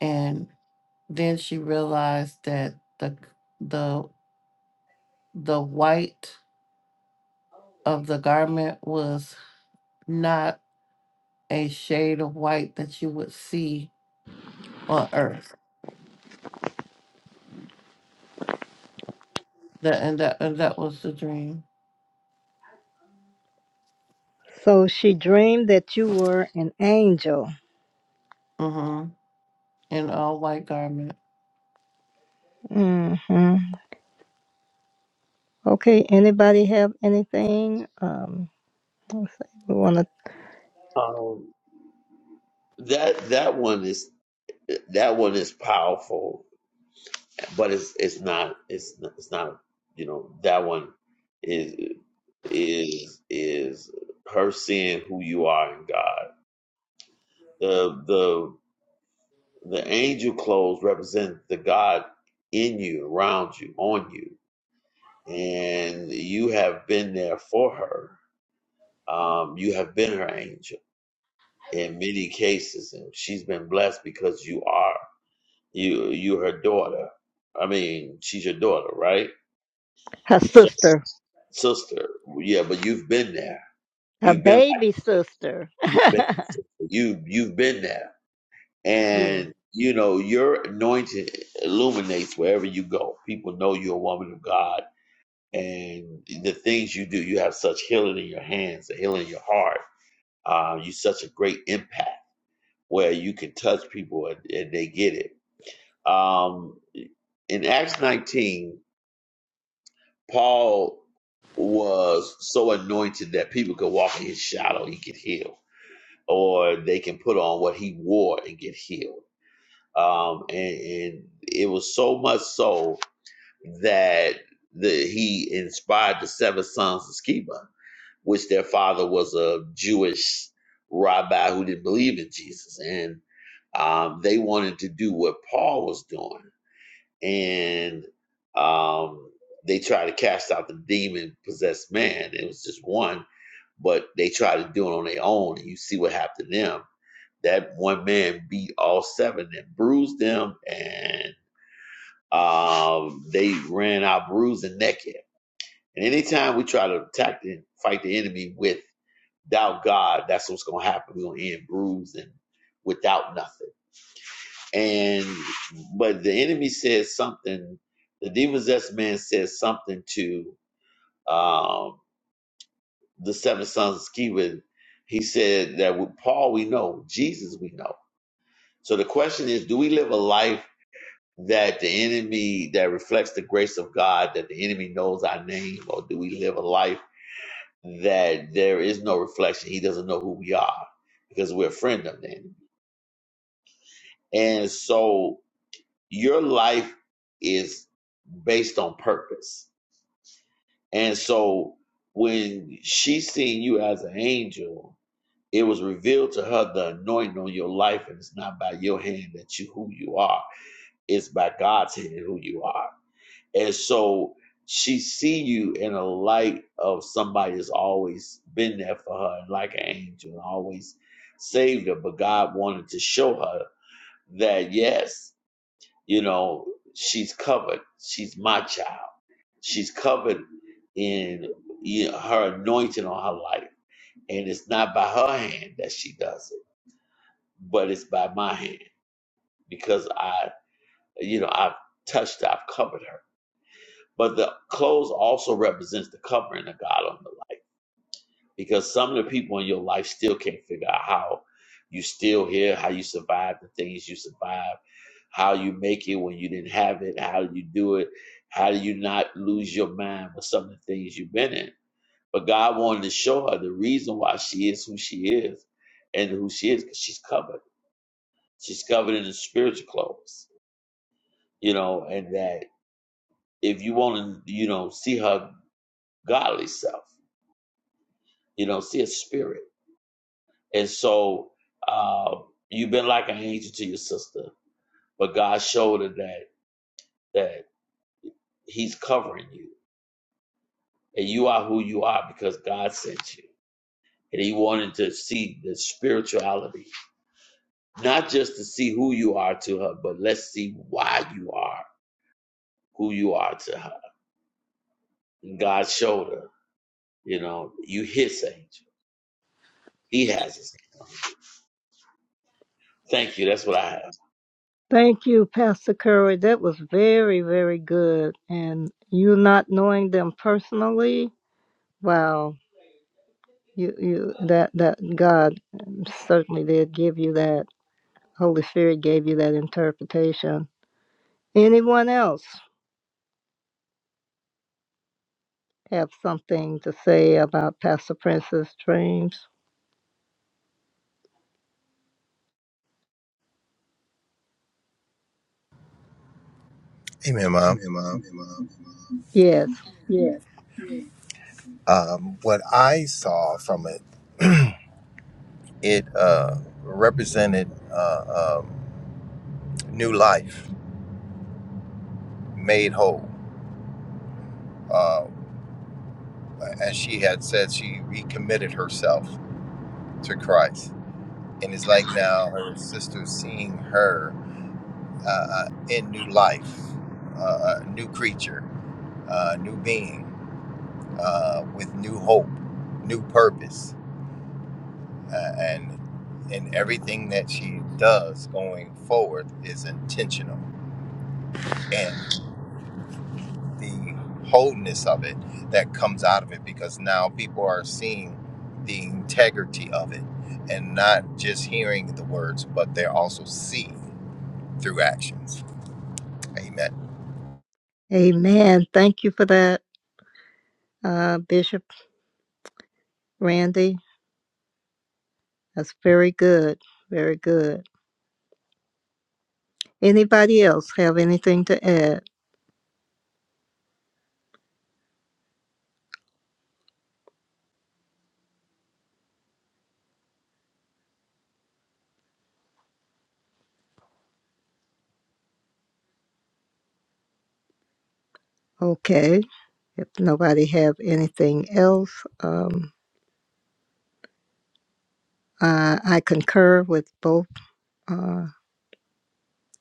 Speaker 2: And then she realized that the the the white of the garment was not a shade of white that you would see on earth. That and that and that was the dream.
Speaker 1: So she dreamed that you were an angel.
Speaker 2: Mm-hmm. In all white garment.
Speaker 1: Mm-hmm. Okay, anybody have anything? Um We want to,
Speaker 6: Um, that that one is that one is powerful but it's it's not it's it's not you know that one is is is her seeing who you are in God. The the the angel clothes represent the God in you, around you, on you, and you have been there for her. Um, you have been her angel in many cases, and she's been blessed because you are you you her daughter. I mean, she's your daughter, right?
Speaker 1: her
Speaker 6: so.
Speaker 1: sister,
Speaker 6: sister. Yeah, but you've been there.
Speaker 1: her
Speaker 6: You've been like
Speaker 1: baby sister.
Speaker 6: a baby
Speaker 1: *laughs*
Speaker 6: sister. You you've been there,
Speaker 1: Yeah.
Speaker 6: and you know your anointing illuminates wherever you go. People know you're a woman of God, and the things you do. You have such healing in your hands, the healing in your heart. Uh, you such a great impact where you can touch people and, and they get it. Um, in Acts 19, Paul was so anointed that people could walk in his shadow, he could heal or they can put on what he wore and get healed. Um, and, and it was so much so that the, he inspired the seven sons of Sceva, which their father was a Jewish rabbi who didn't believe in Jesus. And um, they wanted to do what Paul was doing. And um, they tried to cast out the demon possessed man. It was just one, but they tried to do it on their own. And you see what happened to them that one man beat all seven and bruised them, and um, they ran out bruised and naked. And anytime we try to attack and fight the enemy without God, that's what's going to happen. We're going to end bruised and without nothing. And but the enemy says something. The demon possessed man says something to um, the seven sons of Sceva. He said that with Paul we know, Jesus we know. So the question is, do we live a life? that the enemy that reflects the grace of God, that the enemy knows our name, or do we live a life that there is no reflection? He doesn't know who we are because we're a friend of the enemy. And so your life is based on purpose. And so when she seen you as an angel, it was revealed to her the anointing on your life, and it's not by your hand that you who you are. It's by God's hand who you are And so she see you in a light of somebody that's always been there for her and like an angel and always saved her. But God wanted to show her that yes, you know, she's covered. She's my child. She's covered in you know, her anointing on her life. And it's not by her hand that she does it, but it's by my hand because I, you know, I've touched, I've covered her. But the clothes also represents the covering of God on the life. Because some of the people in your life still can't figure out how you still here, how you survive the things you survive, how you make it when you didn't have it, how you do it, how do you not lose your mind with some of the things you've been in. But God wanted to show her the reason why she is who she is and who she is because she's covered. She's covered in the spiritual clothes, you know, and that if you want to, you know, see her godly self You don't see a spirit. And so uh, you've been like an angel to your sister, but God showed her that that He's covering you, and you are who you are because God sent you, and He wanted to see the spirituality, not just to see who you are to her, but let's see why you are who you are to her. And God showed her, you know, you His angel. He has His. Thank you. That's what I have.
Speaker 1: Thank you, Pastor Curry. That was very, very good. And you not knowing them personally, wow, you, you that that God certainly did give you that. Holy Spirit gave you that interpretation. Anyone else have something to say about Pastor Prince's dreams?
Speaker 5: Amen, Mom. Amen, Mom.
Speaker 1: Yes.
Speaker 5: Um, what I saw from it. It uh, represented uh, um, new life, made whole. Uh, as she had said, she recommitted herself to Christ. And it's like now her sister seeing her uh, uh, in new life, uh, a new creature, uh, new being, uh, with new hope, new purpose. Uh, and in everything that she does going forward is intentional and. the wholeness of it that comes out of it because now people are seeing the integrity of it and not just hearing the words, but they're also seeing through actions. Amen.
Speaker 1: Amen. Thank you for that, uh, Bishop Randy. That's very good. Very good. Anybody else have anything to add? Okay. If nobody have anything else, um, uh, I concur with both uh,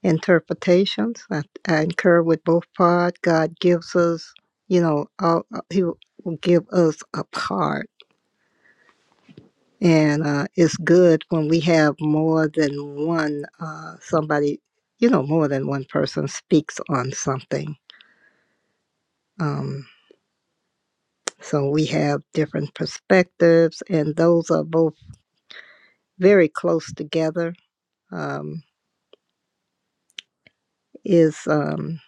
Speaker 1: interpretations. I, I concur with both part. God gives us, you know, all, uh, He will give us a part. And uh, it's good when we have more than one uh, somebody, you know, more than one person speaks on something. Um, So we have different perspectives, and those are both very close together. Um, is um,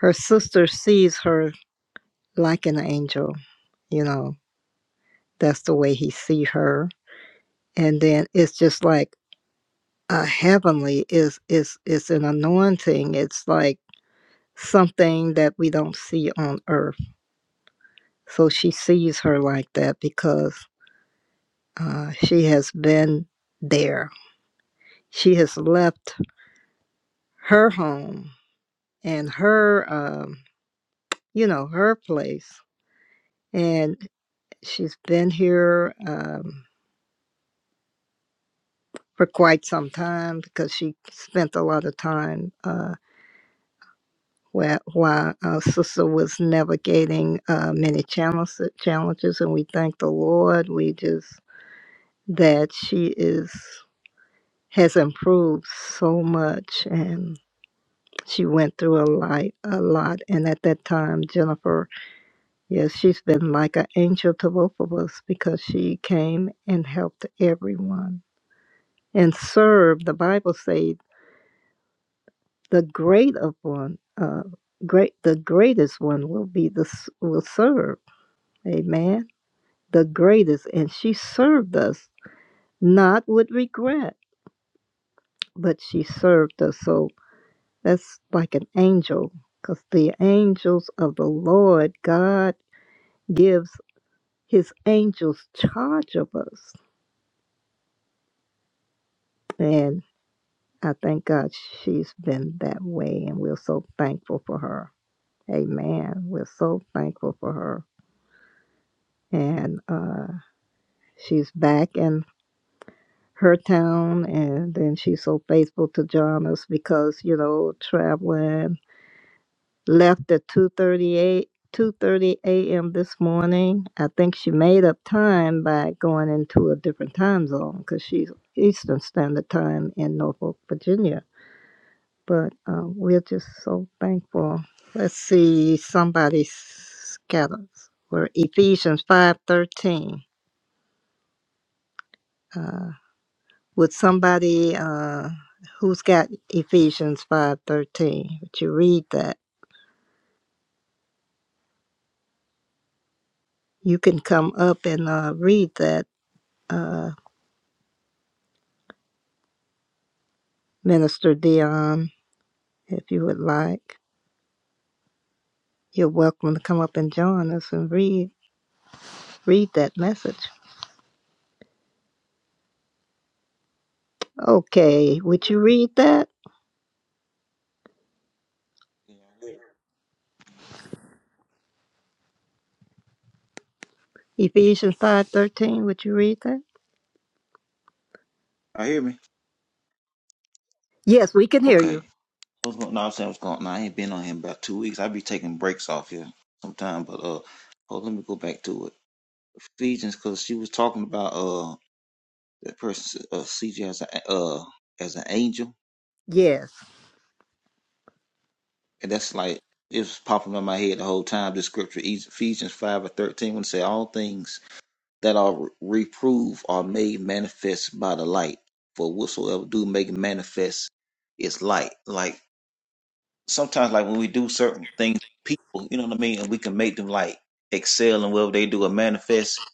Speaker 1: her sister sees her like an angel, you know, that's the way he sees her. And then it's just like a heavenly is is is an anointing. It's like something that we don't see on earth. So she sees her like that because uh, she has been there. She has left her home and her um, you know her place and she's been here um, for quite some time because she spent a lot of time uh, where, while our sister was navigating uh, many challenges, challenges and we thank the lord we just that she is has improved so much and she went through a lot a lot and at that time jennifer Yes, she's been like an angel to both of us because she came and helped everyone and served. The Bible said, "The great of one, uh, great, the greatest one will be the s- will serve." Amen. The greatest, and she served us not with regret, but she served us. So that's like an angel, because the angels of the Lord God gives His angels charge of us and. I thank God she's been that way, and we're so thankful for her. Amen. We're so thankful for her. And uh, she's back in her town, and then she's so faithful to join us because, you know, traveling left at 2.38. 2:30 a.m. this morning. I think she made up time by going into a different time zone because she's Eastern Standard Time in Norfolk, Virginia but uh, we're just so thankful. Let's see, somebody scatters. We're Ephesians five thirteen. Uh, would somebody uh, who's got Ephesians five thirteen? Would you read that? You can come up and uh, read that, uh, Minister Dion, if you would like. You're welcome to come up and join us and read read that message. Okay, would you read that? Ephesians five thirteen. Would you read that?
Speaker 7: I hear me.
Speaker 1: Yes, we can hear
Speaker 7: Okay.
Speaker 1: you.
Speaker 7: What's going? No, I'm saying what's going. No, I ain't been on here in about two weeks. I be taking breaks off here sometime, but uh, hold. Let me go back to it. Ephesians, because she was talking about uh that person uh CJ as a uh as an angel,
Speaker 1: Yes.
Speaker 7: and that's like it was popping in my head the whole time. The scripture Ephesians five or thirteen when it say all things that are reproved are made manifest by the light, for whatsoever do make manifest is light. Like. sometimes like when we do certain things people you know what i mean and we can make them like excel in whatever they do or manifest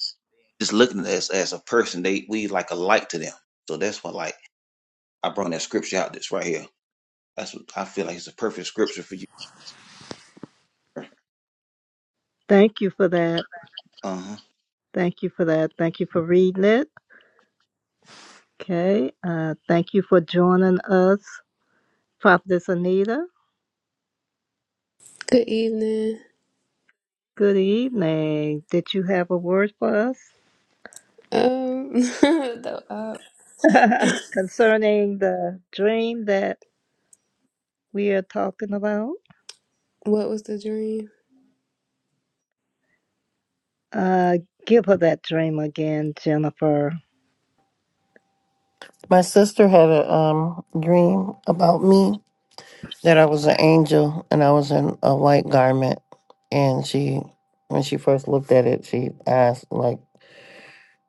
Speaker 7: just looking at us as a person they we like a light to them so that's what like i brought that scripture out that's right here that's what i feel like it's a perfect scripture for you
Speaker 1: Thank you for that.
Speaker 7: uh-huh
Speaker 1: Thank you for that. Thank you for reading it. Okay. Uh, thank you for joining us, Prophetess Anita.
Speaker 8: Good evening.
Speaker 1: Good evening. Did you have a word for us
Speaker 8: Um, *laughs* the, uh,
Speaker 1: *laughs* concerning the dream that we are talking about?
Speaker 8: what was the dream?
Speaker 1: Uh, give her that dream again, Jennifer.
Speaker 2: My sister had a um dream about me that I was an angel and I was in a white garment. And she, when she first looked at it, she asked like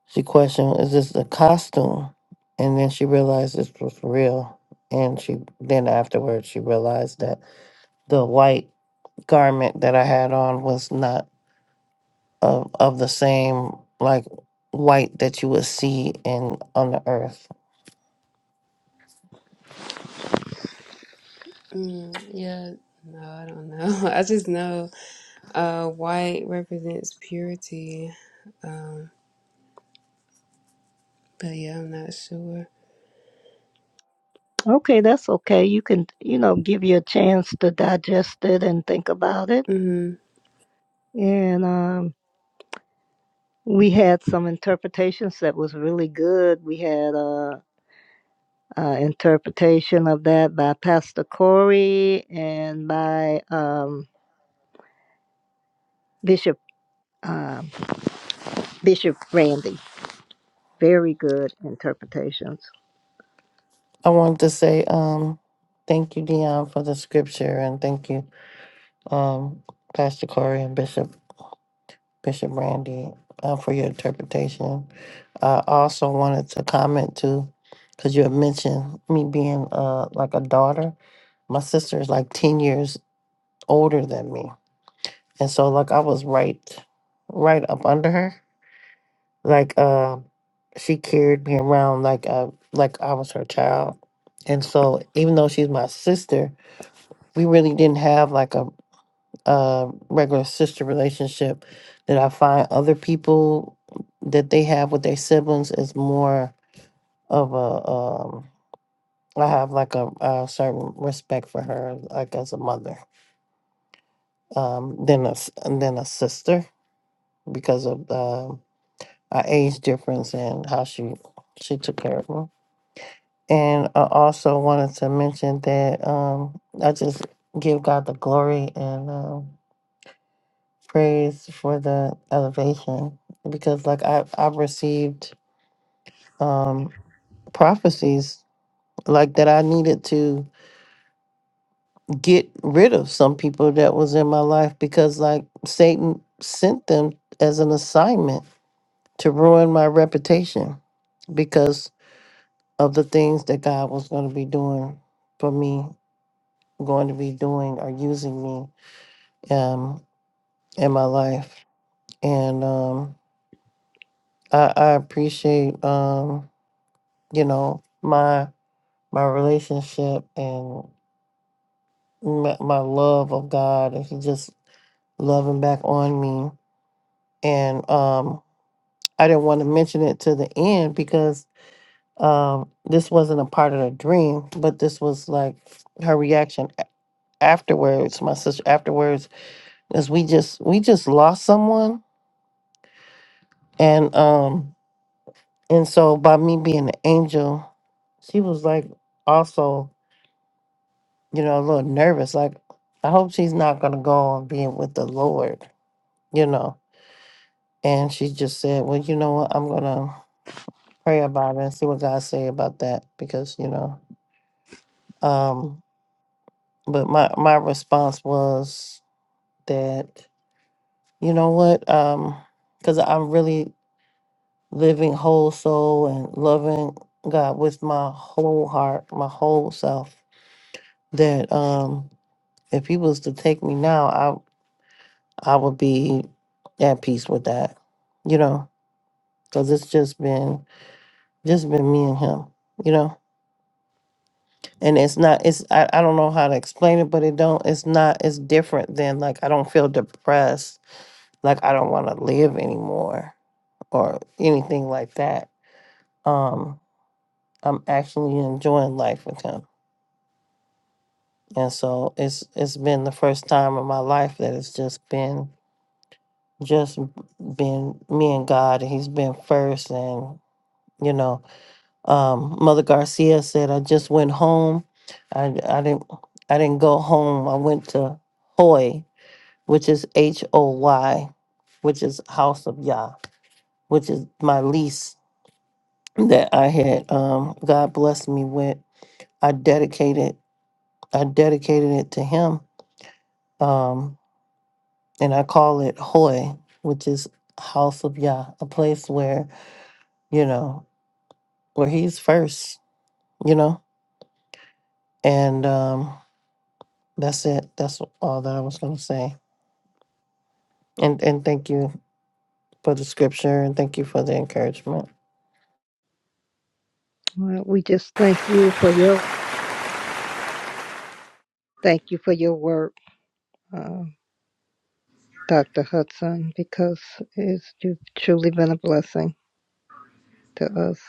Speaker 2: she questioned, "Is this a costume?" And then she realized this was real. And she then afterwards she realized that the white garment that I had on was not. of of the same like white that you would see in on the earth.
Speaker 8: Mm, yeah, no, I don't know. *laughs* I just know uh, white represents purity. Um, but yeah, I'm not sure.
Speaker 1: Okay, that's okay. You can, you know, give you a chance to digest it and think about it.
Speaker 8: Mm-hmm.
Speaker 1: And um, we had some interpretations that was really good. We had a, a interpretation of that by Pastor Corey and by um, Bishop um Bishop Randy. Very good interpretations.
Speaker 2: I wanted to say um thank you Dion for the scripture and thank you um Pastor Corey and Bishop Bishop Randy uh, for your interpretation. I also wanted to comment too because you had mentioned me being uh like a daughter. My sister is like ten years older than me, and so like I was right right up under her Like um she carried me around like I like I was her child. And so even though she's my sister, we really didn't have like a a regular sister relationship that I find other people that they have with their siblings is more of a um I have like a, a certain respect for her like as a mother um than a s- than a sister because of um our age difference and how she she took care of me. And I also wanted to mention that um, I just give God the glory and um, praise for the elevation because, like, I, I've received um, prophecies like that I needed to get rid of some people that was in my life because, like, Satan sent them as an assignment to ruin my reputation because of the things that God was going to be doing for me, going to be doing or using me um in my life and um i i appreciate um you know my my relationship and my, my love of god and he just loving back on me and um i didn't want to mention it to the end because um this wasn't a part of the dream but this was like her reaction a- afterwards my sister afterwards is we just we just lost someone and um And so by me being an angel, she was like also, you know, a little nervous. Like, I hope she's not gonna go on being with the Lord, you know. And she just said, Well, you know what, I'm gonna pray about it and see what God say about that because, you know, um, but my my response was that, you know what, um, because I'm really living whole soul and loving God with my whole heart, my whole self. That um If he was to take me now, I I would be at peace with that, you know, because it's just been just been me and him, you know. And it's not it's I, I don't know how to explain it, but it don't it's not it's different than like I don't feel depressed, like I don't want to live anymore or anything like that. Um, I'm actually enjoying life with him. And so it's it's been the first time in my life that it's just been just been me and God, and He's been first. And you know, um, Mother Garcia said, "I just went home. I I didn't I didn't go home. I went to Hoy, which is H O Y, which is House of Yah, which is my lease that I had. Um, God blessed me with. I dedicated I dedicated it to Him, um, and I call it Hoy, which is House of Yah, a place where." you know Well, he's first, you know, and um, that's it. That's all that I was going to say. And and thank you for the scripture, and thank you for the encouragement,
Speaker 1: Well, we just thank you for your thank you for your work, uh, Doctor Hudson, because it's you've truly been a blessing to us.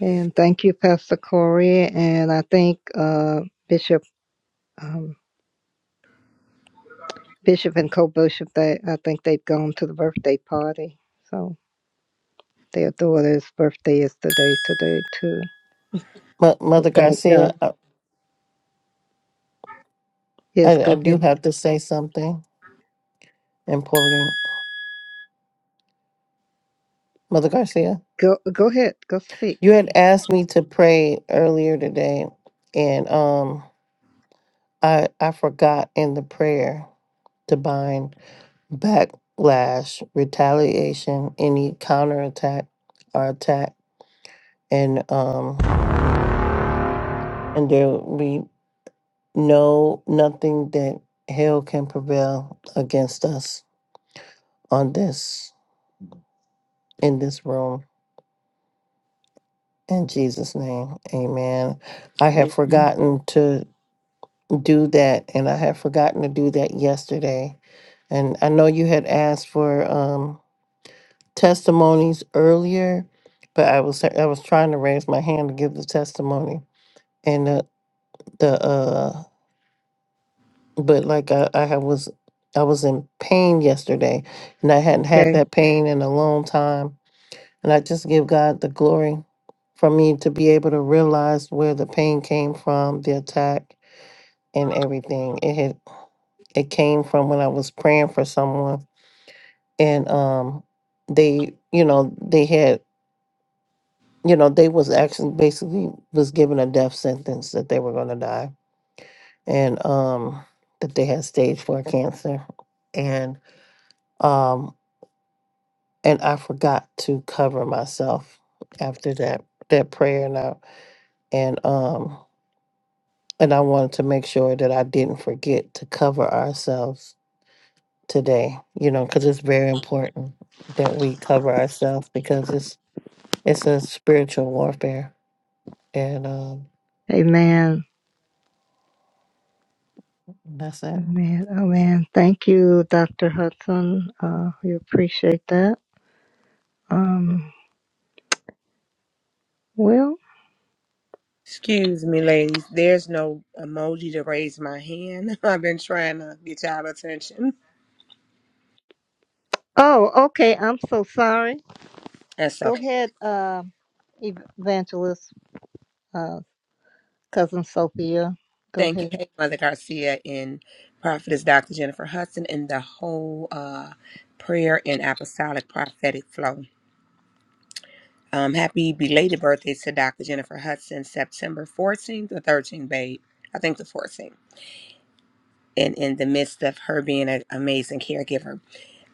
Speaker 1: And thank you, Pastor Corey, and I think uh, Bishop. Um, Bishop and co-bishop, they, I think they've gone to the birthday party. So their daughter's birthday is today, today too.
Speaker 2: but
Speaker 1: So
Speaker 2: Mother
Speaker 1: thank
Speaker 2: Garcia.
Speaker 1: God.
Speaker 2: I,
Speaker 1: Yes,
Speaker 2: I I
Speaker 1: go
Speaker 2: do
Speaker 1: ahead.
Speaker 2: have to say something important, Mother Garcia.
Speaker 1: Go, go ahead. Go speak.
Speaker 2: You had asked me to pray earlier today, and um, I I forgot in the prayer to bind backlash, retaliation, any counterattack or attack, and um and there will be no nothing that hell can prevail against us on this in this room in jesus name amen i have
Speaker 1: Amen.
Speaker 2: forgotten to do that and i have forgotten to do that yesterday and i know you had asked for um testimonies earlier but i was i was trying to raise my hand to give the testimony and the the uh but like I, I have was I was in pain yesterday and I hadn't had
Speaker 1: Okay.
Speaker 2: that pain in a long time. And I just give God the glory for me to be able to realize where the pain came from, the attack and everything. It had it came from when I was praying for someone and um they you know, they had you know, they was actually basically was given a death sentence that they were gonna die and um that they had stage four cancer. Um, and I forgot to cover myself after that that prayer and I, and um and I wanted to make sure that I didn't forget to cover ourselves today, you know, because it's very important that we cover ourselves because it's it's a spiritual warfare. And um
Speaker 1: Amen.
Speaker 2: that's it.
Speaker 1: Amen. Amen. Thank you, Dr. Hudson. Uh, we appreciate that. Um, well,
Speaker 3: Excuse me, ladies. There's no emoji to raise my hand. *laughs* I've been trying to get y'all attention.
Speaker 1: oh, okay. I'm so sorry.
Speaker 3: That's
Speaker 1: Go
Speaker 3: okay.
Speaker 1: ahead, uh, evangelist, uh, cousin Sophia. Go
Speaker 3: Thank
Speaker 1: ahead.
Speaker 3: you, hey, Mother Garcia and Prophetess Dr. Jennifer Hudson and the whole uh, prayer and apostolic prophetic flow. Um, happy belated birthday to Dr. Jennifer Hudson, September 14th or 13th, babe. I think the 14th. And in the midst of her being an amazing caregiver,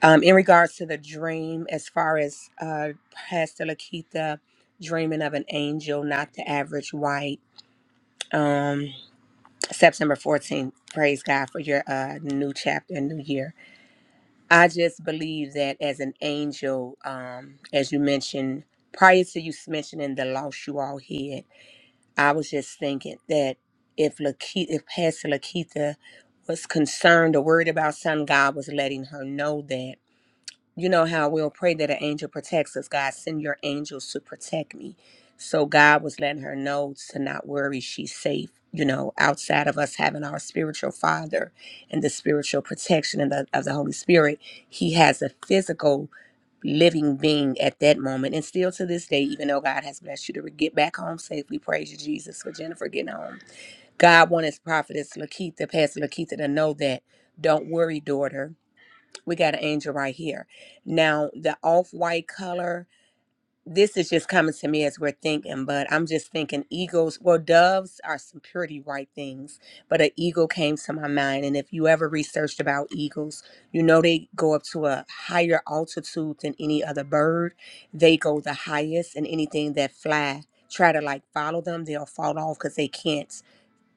Speaker 3: um, in regards to the dream, as far as uh, Pastor Lakita dreaming of an angel, not the average white, um, September 14th, praise God for your uh, new chapter and new year. I just believe that as an angel, um, as you mentioned, prior to you mentioning the loss you all had, I was just thinking that if Lakita, if Pastor Lakita was concerned or worried about something, God was letting her know that you know how we'll pray that an angel protects us. God, send your angels to protect me. So God was letting her know to not worry. She's safe, you know, outside of us having our spiritual father and the spiritual protection and the, of the Holy Spirit. He has a physical living being at that moment. And still to this day, even though God has blessed you to get back home safely, praise you, Jesus, for Jennifer getting home. God wanted Prophetess Lakita, Pastor Lakita, to know that. Don't worry, daughter we got an angel right here. Now, the off white color, this is just coming to me as we're thinking, but I'm just thinking eagles. Well, doves are some pretty white things, but an eagle came to my mind. And if you ever researched about eagles, you know they go up to a higher altitude than any other bird. They go the highest, and anything that fly try to like follow them, they'll fall off because they can't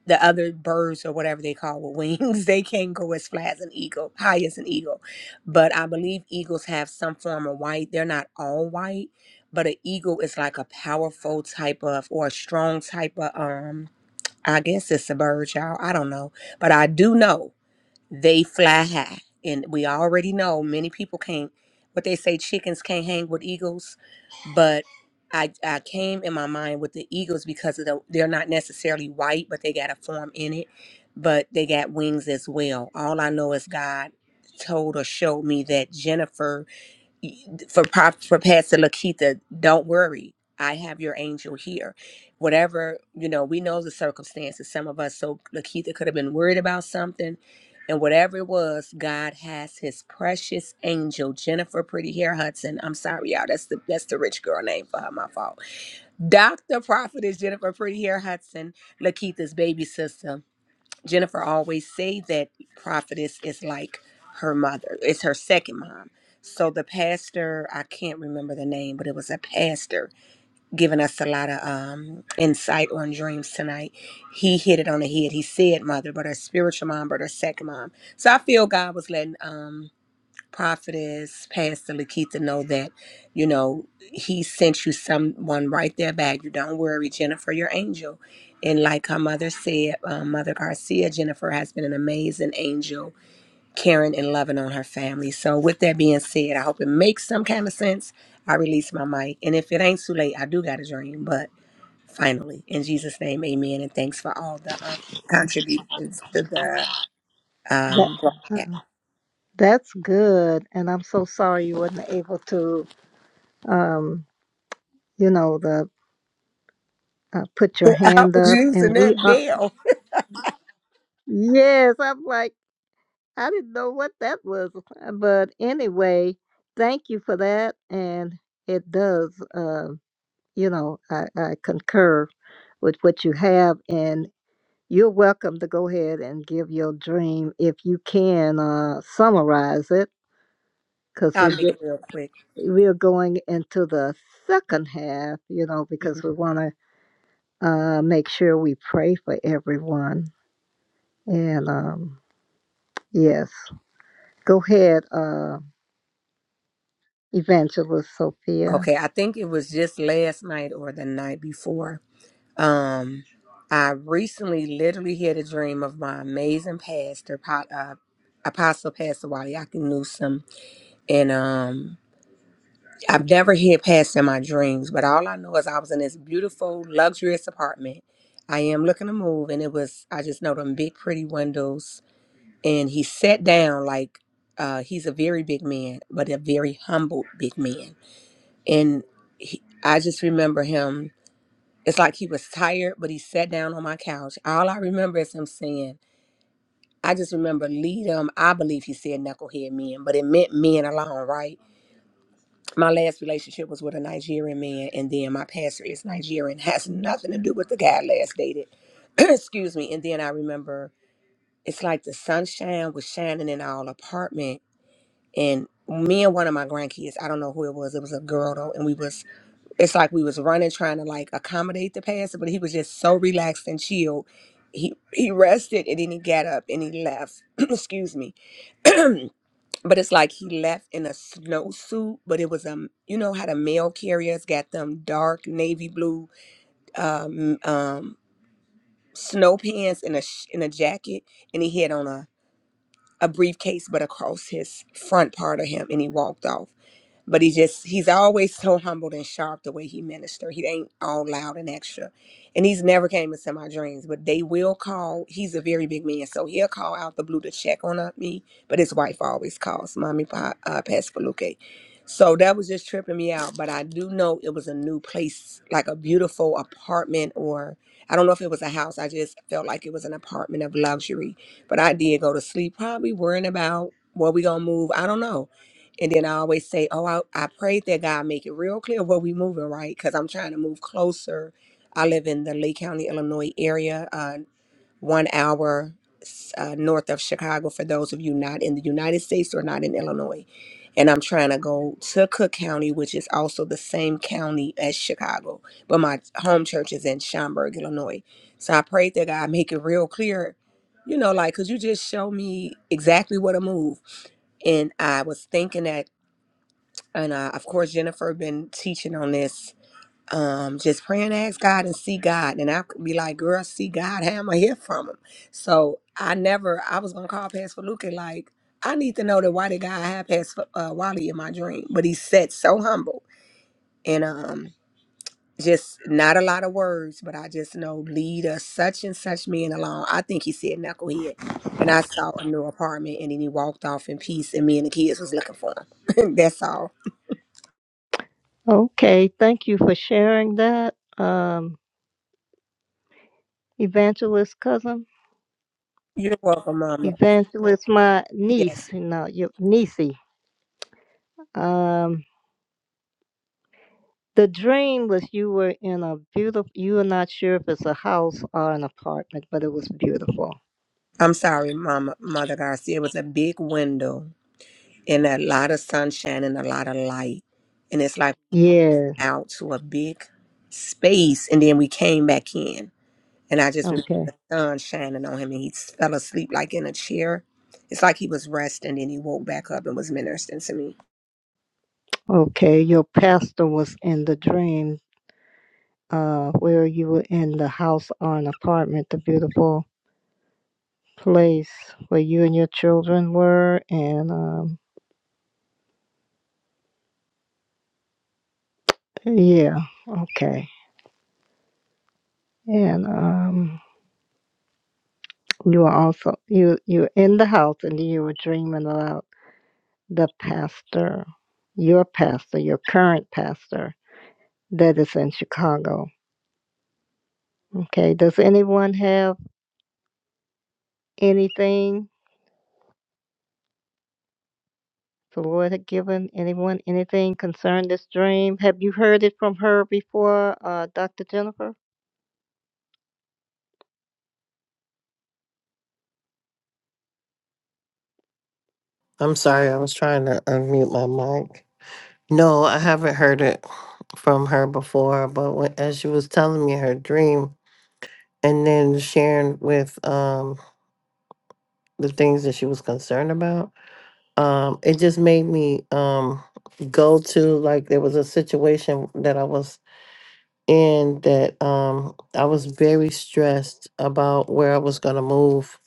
Speaker 3: the other birds or whatever they call with wings, *laughs* they can go as flat as an eagle, high as an eagle. But I believe eagles have some form of white. They're not all white, but an eagle is like a powerful type of or a strong type of um I guess it's a bird, y'all. I don't know. But I do know they fly high. And we already know many people can't, what they say, chickens can't hang with eagles. But I, I came in my mind with the eagles because of the, they're not necessarily white, but they got a form in it, but they got wings as well. All I know is God told or showed me that Jennifer for Prop- for Pastor Lakita, don't worry. I have your angel here. Whatever, you know, we know the circumstances. Some of us, so Lakita could have been worried about something. And whatever it was, God has his precious angel, Jennifer Pretty Hair Hudson. I'm sorry, y'all. That's the that's the rich girl name for her, my fault. Dr. Prophet is Jennifer Pretty Hair Hudson, Lakita's baby sister Jennifer always say that prophetess is like her mother. It's her second mom. So the pastor, I can't remember the name, but it was a pastor giving us a lot of um, insight on dreams tonight. He hit it on the head. He said mother, but her spiritual mom, but her second mom. So I feel God was letting um, prophetess, Pastor Lakeitha, know that, you know, he sent you someone right there back. You don't worry, Jennifer, your angel. And like her mother said, um, Mother Garcia, Jennifer has been an amazing angel, caring and loving on her family. So with that being said, I hope it makes some kind of sense. I release my mic. And if it ain't too late, I do got a dream. But finally, in Jesus' name, amen. And thanks for all the um, contributions to the
Speaker 1: That,
Speaker 3: um, broadcast.
Speaker 1: that's good, and I'm so sorry you wasn't able to, um, you know, the uh, put your
Speaker 3: *laughs* I
Speaker 1: hand
Speaker 3: was
Speaker 1: up. And
Speaker 3: using
Speaker 1: we
Speaker 3: that
Speaker 1: are,
Speaker 3: bell.
Speaker 1: yes, I'm like, I didn't know what that was, but anyway, thank you for that. And it does, uh, you know, I, I concur with what you have, and you're welcome to go ahead and give your dream if you can uh, summarize it, because
Speaker 3: I'll
Speaker 1: we
Speaker 3: make it
Speaker 1: did.
Speaker 3: real quick.
Speaker 1: we are going into the second half, you know,
Speaker 3: hmm
Speaker 1: because we want to uh, make sure we pray for everyone. And um, yes, go ahead, uh, Evangelist Sophia.
Speaker 3: Okay, I think it was just last night or the night before. Um, I recently literally had a dream of my amazing pastor, Po- uh, Apostle Pastor Wally Waliaki Newsom, and um, I've never had pastor in my dreams, but all I know is I was in this beautiful, luxurious apartment. I am looking to move, and it was I just know them big, pretty windows, and he sat down like uh, he's a very big man, but a very humble big man and he, I just remember him. It's like he was tired, but he sat down on my couch. All I remember is him saying, "I just remember lead him." I believe he said knucklehead men, but it meant men alone, right? My last relationship was with a Nigerian man, and then my pastor is Nigerian, *laughs* has nothing to do with the guy I last dated. *clears throat* Excuse me. And then I remember it's like the sunshine was shining in our apartment, and me and one of my grandkids, I don't know who it was, it was a girl though, and we was it's like we was running trying to like accommodate the pastor, but he was just so relaxed and chilled. He he rested and then he got up and he left. *clears throat* Excuse me. *clears throat* but it's like he left in a snowsuit, but it was um you know how the mail carriers got them dark navy blue um um snow pants and a sh- and a jacket and he had on a a briefcase but across his front part of him and he walked off but he just he's always so humbled and sharp the way he minister he ain't all loud and extra and he's never came into my dreams but they will call he's a very big man so he'll call out the blue to check on uh, me but his wife always calls mommy Pa- uh, pastor Luque. so that was just tripping me out but i do know it was a new place like a beautiful apartment or i don't know if it was a house i just felt like it was an apartment of luxury but i did go to sleep probably worrying about where we gonna move i don't know and then I always say, Oh, I, I prayed that God make it real clear where we moving, right? Because I'm trying to move closer. I live in the Lee County, Illinois area, uh, one hour s- uh, north of Chicago, for those of you not in the United States or not in Illinois. And I'm trying to go to Cook County, which is also the same county as Chicago, but my home church is in Schaumburg, Illinois. So I prayed that God make it real clear, you know, like, could you just show me exactly where to move? and I was thinking that and uh, of course jennifer been teaching on this um just pray and ask god and see god and i could be like girl see god how am i hear from him so i never i was gonna call pastor luke and like i need to know that why did god have pastor uh, wally in my dream but he said so humble and um just not a lot of words but i just know lead us such and such men along i think he said knucklehead and i saw a new apartment and then he walked off in peace and me and the kids was looking for him *laughs* that's all
Speaker 1: Okay, thank you for sharing that, um, Evangelist cousin,
Speaker 3: you're welcome, Mama.
Speaker 1: Evangelist my niece,
Speaker 3: Yes.
Speaker 1: you know, your niecey. Um, the dream was you were in a beautiful. You were not sure if it's a house or an apartment, but it was beautiful.
Speaker 3: I'm sorry, Mama Mother Garcia. It was a big window and a lot of sunshine and a lot of light. And it's like
Speaker 1: Yeah.
Speaker 3: out to a big space and then we came back in. And I just remember
Speaker 1: Okay.
Speaker 3: the sun shining on him and he s- fell asleep like in a chair. It's like he was resting and he woke back up and was ministering to
Speaker 1: Okay, your pastor was in the dream uh, where you were in the house or an apartment, the beautiful place where you and your children were. And um, yeah, okay. And um, you were also, you, you were in the house and then you were dreaming about the pastor, your pastor, your current pastor that is in Chicago. Okay, does anyone have anything The Lord had given anyone anything concerning this dream. Have you heard it from her before, uh, Dr. Jennifer?
Speaker 2: I'm sorry, I was trying to unmute my mic. No, I haven't heard it from her before, but when, as she was telling me her dream, and then sharing with um the things that she was concerned about um it just made me um go to like there was a situation that i was in that um i was very stressed about where i was going to move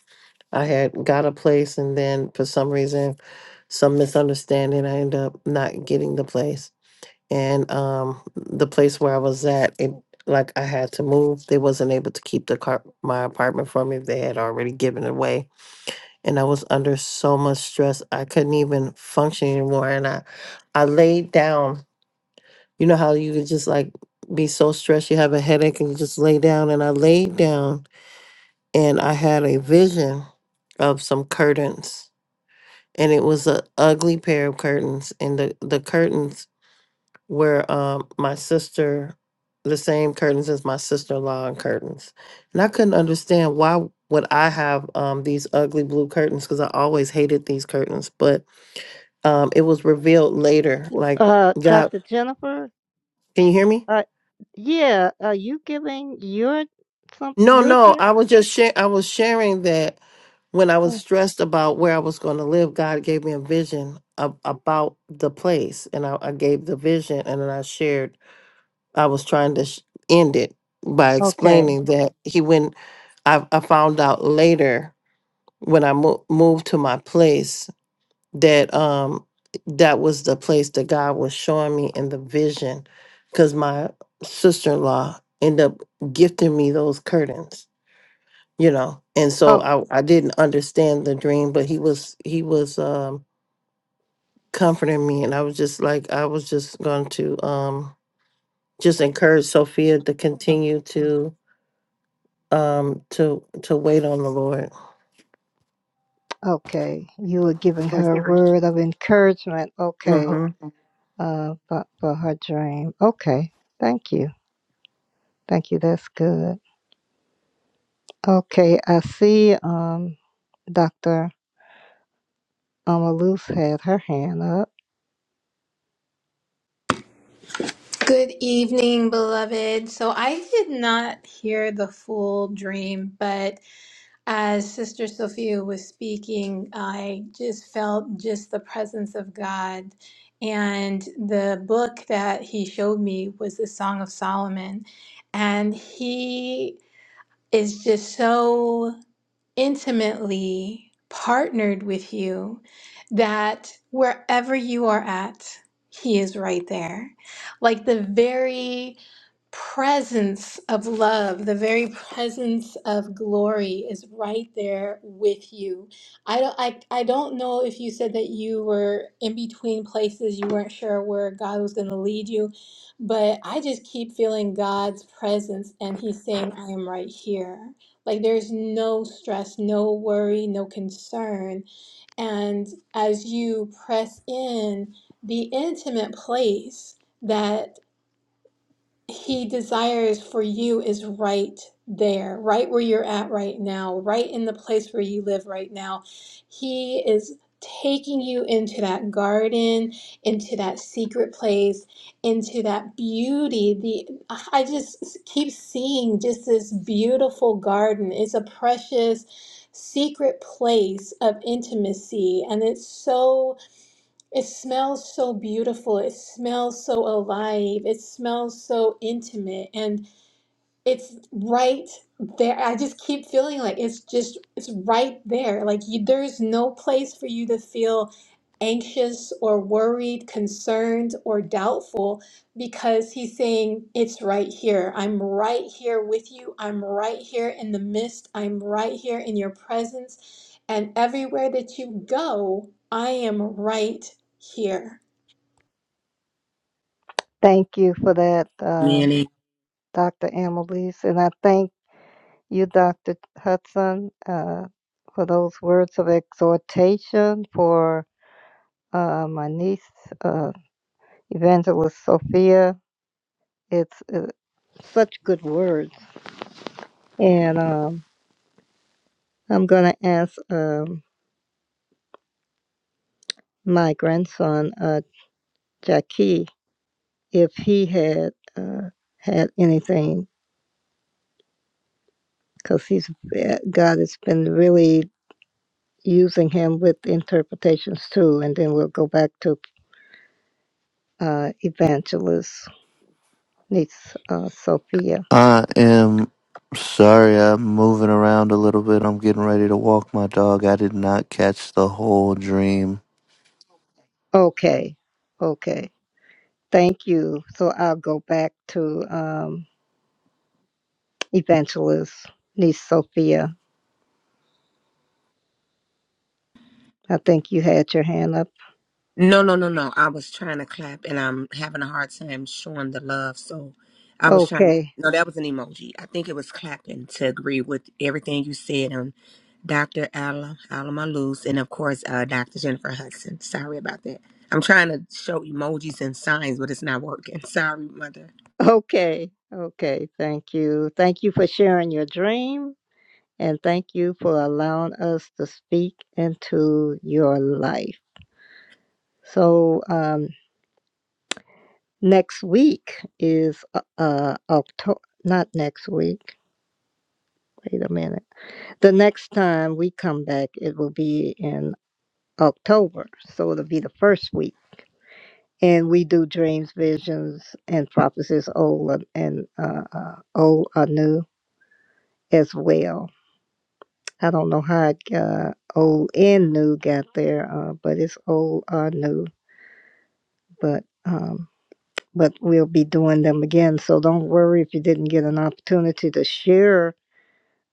Speaker 2: i had got a place and then for some reason some misunderstanding i ended up not getting the place and um the place where I was at, it like I had to move. They wasn't able to keep the car my apartment for me. They had already given it away, and I was under so much stress I couldn't even function anymore. And I I laid down. You know how you could just like be so stressed, you have a headache, and you just lay down. And I laid down, and I had a vision of some curtains. And it was a ugly pair of curtains, and the, the curtains where um my sister the same curtains as my sister-in-law and curtains and i couldn't understand why would i have um these ugly blue curtains because i always hated these curtains but um it was revealed later
Speaker 1: W-
Speaker 2: like
Speaker 1: Uh,
Speaker 2: god
Speaker 1: Dr. Jennifer?
Speaker 2: can you hear me
Speaker 1: Uh, yeah, are you giving your some
Speaker 2: no
Speaker 1: your
Speaker 2: no
Speaker 1: dream?
Speaker 2: i was just share i was sharing that when i was stressed about where i was going to live god gave me a vision ab- about the place and I, I gave the vision and then i shared I was trying to sh- end it by
Speaker 1: Okay.
Speaker 2: explaining that he went. I, I found out later when I mo- moved to my place that um that was the place that God was showing me in the vision, because my sister in law ended up gifting me those curtains, you know, and so
Speaker 1: Oh,
Speaker 2: I I didn't understand the dream, but he was he was um comforting me, and I was just like I was just going to um just encourage Sophia to continue to um to to wait on the Lord.
Speaker 1: okay. You were giving her a
Speaker 2: hmm
Speaker 1: word of encouragement. Okay. Uh, for, for her dream. Okay. Thank you. Thank you. That's good. Okay. I see. Um, Dr. Amaluz had her hand up.
Speaker 9: Good evening, beloved. So I did not hear the full dream, but as Sister Sophia was speaking, I just felt just the presence of God. And the book that he showed me was the Song of Solomon. And he is just so intimately partnered with you that wherever you are at, He is right there. Like the very presence of love, the very presence of glory is right there with you. I don't I, I don't know if you said that you were in between places, you weren't sure where God was going to lead you, but I just keep feeling God's presence and he's saying I am right here. Like there's no stress, no worry, no concern. And as you press in the intimate place that he desires for you is right there, right where you're at right now, right in the place where you live right now. He is taking you into that garden, into that secret place, into that beauty. The I just keep seeing just this beautiful garden. It's a precious secret place of intimacy and it's so it smells so beautiful. It smells so alive. It smells so intimate. And it's right there. I just keep feeling like it's just, it's right there. Like you, there's no place for you to feel anxious or worried, concerned or doubtful because he's saying, It's right here. I'm right here with you. I'm right here in the midst. I'm right here in your presence. And everywhere that you go, I am right here.
Speaker 1: Thank you for that, uh,
Speaker 3: me.
Speaker 1: Dr. Annalise. And I thank you, Dr. Hudson, uh, for those words of exhortation for uh, my niece, uh, Evangelist Sophia. It's uh, such good words. And um, I'm going to ask um, my grandson, uh, Jackie, if he had uh, had anything, because he's uh, God has been really using him with interpretations too, and then we'll go back to uh, Evangelist niece uh, Sophia.
Speaker 10: I am sorry, I'm moving around a little bit. I'm getting ready to walk my dog. I did not catch the whole dream.
Speaker 1: Okay, okay, thank you. So I'll go back to um, Evangelist niece Sophia. I think you had your hand up.
Speaker 3: No, no, no, no. I was trying to clap and I'm having a hard time showing the love. So I was trying to.
Speaker 1: Okay,
Speaker 3: No, that was an emoji. I think it was clapping to agree with everything you said on Dr. Ala, Alama Luz and, of course, uh, Dr. Jennifer Hudson. Sorry about that. I'm trying to show emojis and signs, but it's not working. *laughs* Sorry, mother.
Speaker 1: *laughs* okay, okay. Thank you. Thank you for sharing your dream, and thank you for allowing us to speak into your life. So, um, Next week is uh, uh October. Not next week. Wait a minute. The next time we come back, it will be in October, so it'll be the first week, and we do dreams, visions, and prophecies, old and and, uh, uh, old or new as well. I don't know how it got old and new got there, uh, but it's old or new. But um, but we'll be doing them again. So don't worry if you didn't get an opportunity to share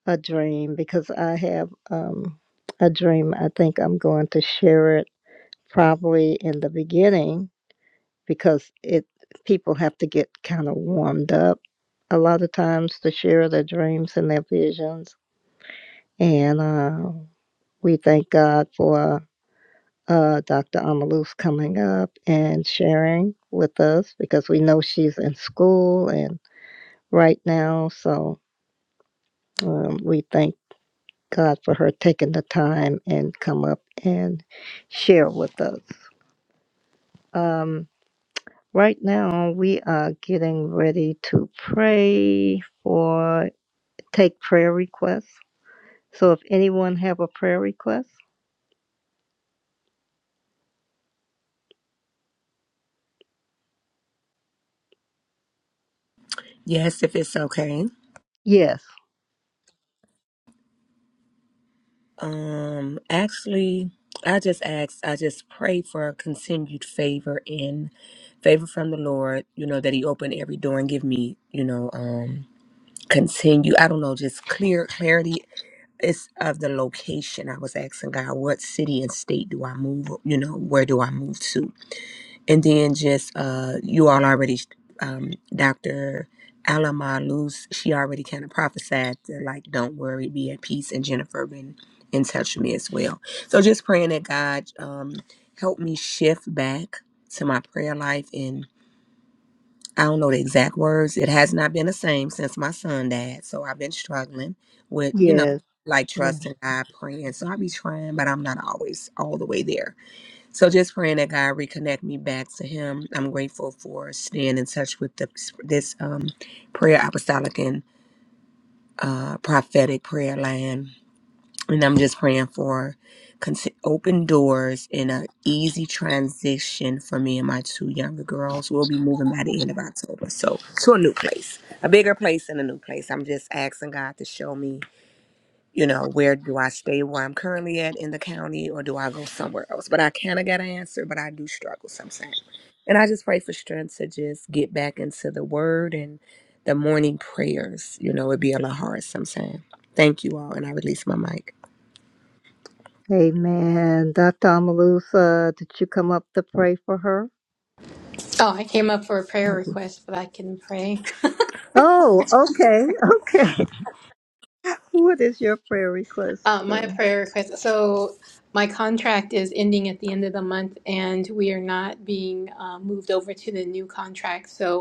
Speaker 1: a dream because I have um, a dream. I think I'm going to share it probably in the beginning because it people have to get kind of warmed up a lot of times to share their dreams and their visions. And uh, we thank God for uh, Dr. Amalus coming up and sharing with us because we know she's in school and right now. So um, we thank God for her taking the time and come up and share with us. Um, right now, we are getting ready to pray for take prayer requests. So, if anyone have a prayer request,
Speaker 3: Yes, if it's okay.
Speaker 1: yes,
Speaker 3: Um, actually, I just ask, I just pray for continued favor and favor from the Lord, you know, that He open every door and give me, you know, um, continue. I don't know, just clear clarity. It's of the location. I was asking God, what city and state do I move, you know, where do I move to? and then just uh you all already um dr alama luz she already kind of prophesied to like don't worry be at peace and jennifer been in touch with me as well so just praying that god um help me shift back to my prayer life and i don't know the exact words it has not been the same since my son died so i've been struggling with you know
Speaker 1: yes,
Speaker 3: like
Speaker 1: yes.
Speaker 3: trusting god praying so i be trying but i'm not always all the way there so just praying that God reconnect me back to Him. I'm grateful for staying in touch with the, this um, prayer, apostolic and uh, prophetic prayer line, and I'm just praying for cons- open doors and an easy transition for me and my two younger girls. We'll be moving by the end of October, so to a new place, a bigger place and a new place. I'm just asking God to show me you know, where do I stay where I'm currently at in the county or do I go somewhere else? But I kind of got an answer, but I do struggle sometimes. And I just pray for strength to just get back into the word and the morning prayers. You know, it'd be a lot hard sometimes. Thank you all. And I release my mic.
Speaker 1: Amen. Dr. Amalusa, did you come up to pray for her?
Speaker 9: Oh, I came up for a prayer
Speaker 1: Okay.
Speaker 9: request, but I can pray. *laughs*
Speaker 1: Oh, okay, okay. *laughs* What is your prayer request?
Speaker 9: Uh, my
Speaker 1: Sue?
Speaker 9: prayer request. So my contract is ending at the end of the month, and we are not being uh, moved over to the new contract. So